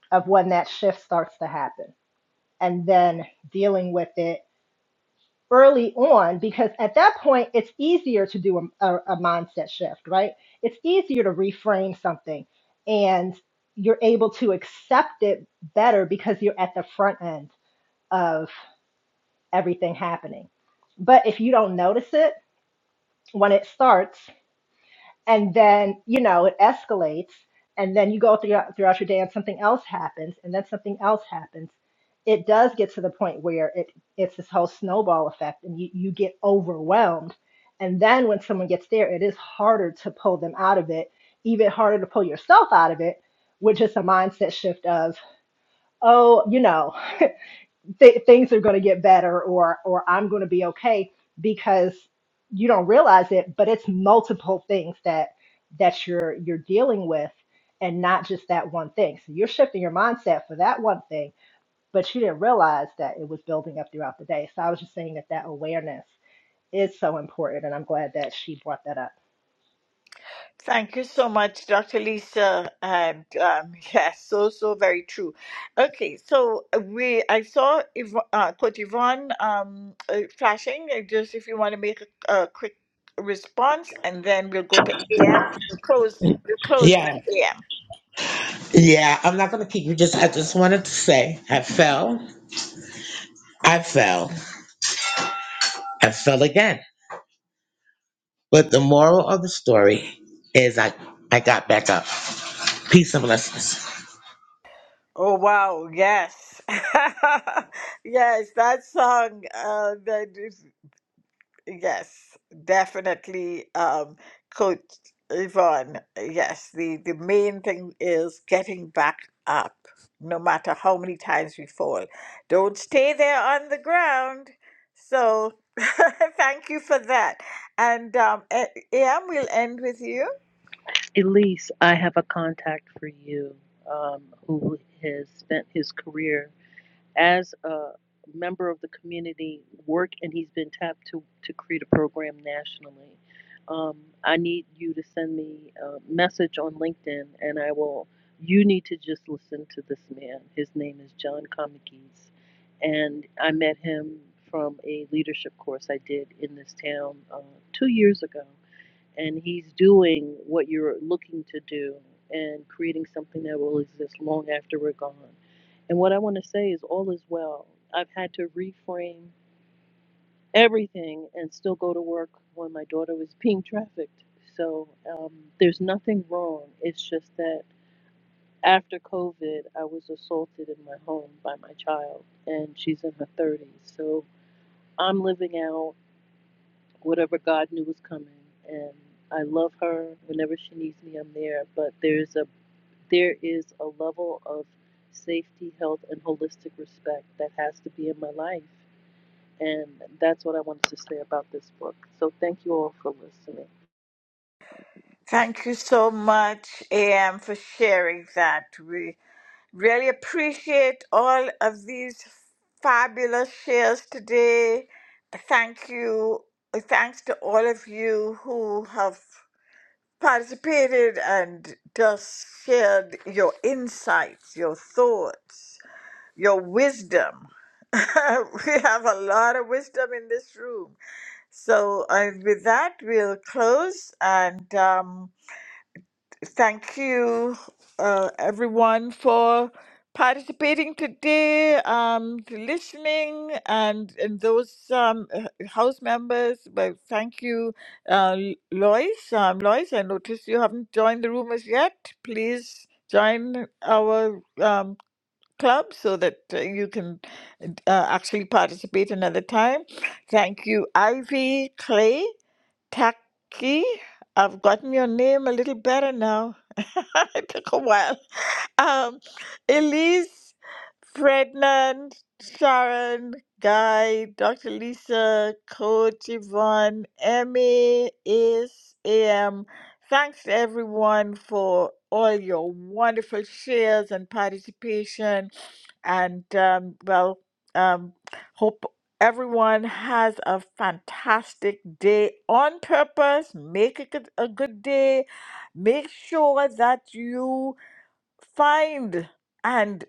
Speaker 4: of when that shift starts to happen and then dealing with it early on because at that point it's easier to do a, a, a mindset shift, right? It's easier to reframe something and you're able to accept it better because you're at the front end of everything happening. But if you don't notice it when it starts, and then you know it escalates and then you go throughout throughout your day and something else happens and then something else happens it does get to the point where it it's this whole snowball effect and you, you get overwhelmed and then when someone gets there it is harder to pull them out of it even harder to pull yourself out of it which is a mindset shift of oh you know th- things are going to get better or or I'm going to be okay because you don't realize it but it's multiple things that that you're you're dealing with and not just that one thing so you're shifting your mindset for that one thing but you didn't realize that it was building up throughout the day so I was just saying that that awareness is so important and I'm glad that she brought that up
Speaker 1: Thank you so much, Dr. Lisa. And um, yes, so so very true. Okay, so uh, we I saw Yv- uh, Coach Yvonne um, uh, flashing. uh, Just if you want to make a, a quick response, and then we'll go to AM. We'll close. We'll close
Speaker 10: yeah,
Speaker 1: with AM.
Speaker 10: yeah. I'm not gonna keep you. Just I just wanted to say I fell, I fell, I fell again. But the moral of the story is I I got back up. Peace and blessings.
Speaker 1: Oh wow, yes. yes, that song uh that is, yes, definitely um Coach Yvonne, yes, the the main thing is getting back up no matter how many times we fall. Don't stay there on the ground. So thank you for that. And um eh, yeah, we'll end with you.
Speaker 7: Elise, I have a contact for you um, who has spent his career as a member of the community work and he's been tapped to to create a program nationally um, i need you to send me a message on linkedin and i will you need to just listen to this man his name is john comikis and i met him from a leadership course i did in this town uh, two years ago and he's doing what you're looking to do and creating something that will exist long after we're gone. And what I want to say is all is well. I've had to reframe everything and still go to work when my daughter was being trafficked. So um, there's nothing wrong. It's just that after COVID, I was assaulted in my home by my child, and she's in her 30s. So I'm living out whatever God knew was coming. And I love her. Whenever she needs me, I'm there. But there's a there is a level of safety, health, and holistic respect that has to be in my life. And that's what I wanted to say about this book. So thank you all for listening.
Speaker 1: Thank you so much, AM, for sharing that. We really appreciate all of these fabulous shares today. Thank you. Thanks to all of you who have participated and just shared your insights, your thoughts, your wisdom. we have a lot of wisdom in this room. So, uh, with that, we'll close and. Um, Thank you, uh, everyone, for participating today, um, to listening, and, and those um, uh, house members. Well, thank you, uh, L- Lois. Um, Lois, I noticed you haven't joined the room as yet. Please join our um, club so that uh, you can uh, actually participate another time. Thank you, Ivy, Clay. Taki. I've gotten your name a little better now. it took a while. Um, Elise, Frednan, Sharon, Guy, Dr. Lisa, Coach Yvonne, Emmy, Ace, AM. Thanks everyone for all your wonderful shares and participation. And um, well, um, hope Everyone has a fantastic day on purpose. Make it a a good day. Make sure that you find and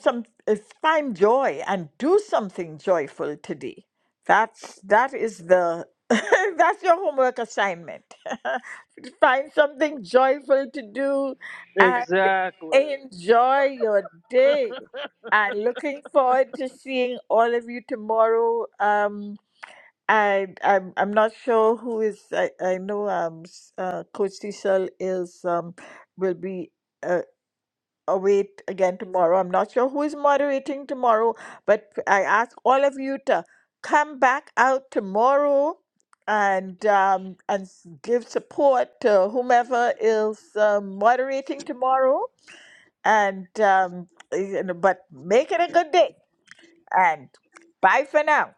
Speaker 1: some uh, find joy and do something joyful today. That's that is the that's your homework assignment. find something joyful to do and
Speaker 7: Exactly.
Speaker 1: enjoy your day and looking forward to seeing all of you tomorrow. Um, I I'm I'm not sure who is I I know um s- uh, Coach Cecil is um will be uh, away t- again tomorrow. I'm not sure who is moderating tomorrow, but I ask all of you to come back out tomorrow and um and s- give support to whomever is um, moderating tomorrow and um you know, but make it a good day and bye for now.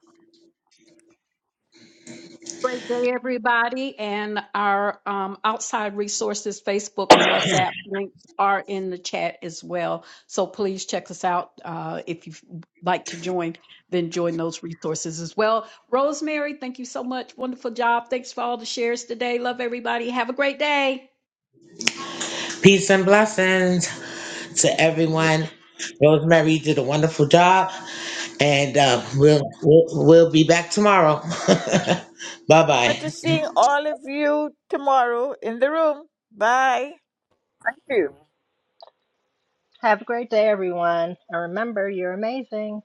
Speaker 9: Great day, everybody. And our um, outside resources, Facebook and WhatsApp links are in the chat as well. So please check us out. Uh, if you'd like to join, then join those resources as well. Rosemary, thank you so much. Wonderful job. Thanks for all the shares today. Love everybody. Have a great day.
Speaker 10: Peace and blessings. to everyone. Rosemary did a wonderful job, and uh, we'll, we'll we'll be back tomorrow. bye bye.
Speaker 1: Good to seeing all of you tomorrow in the room. Bye. Thank you.
Speaker 4: have a great day everyone and remember you're amazing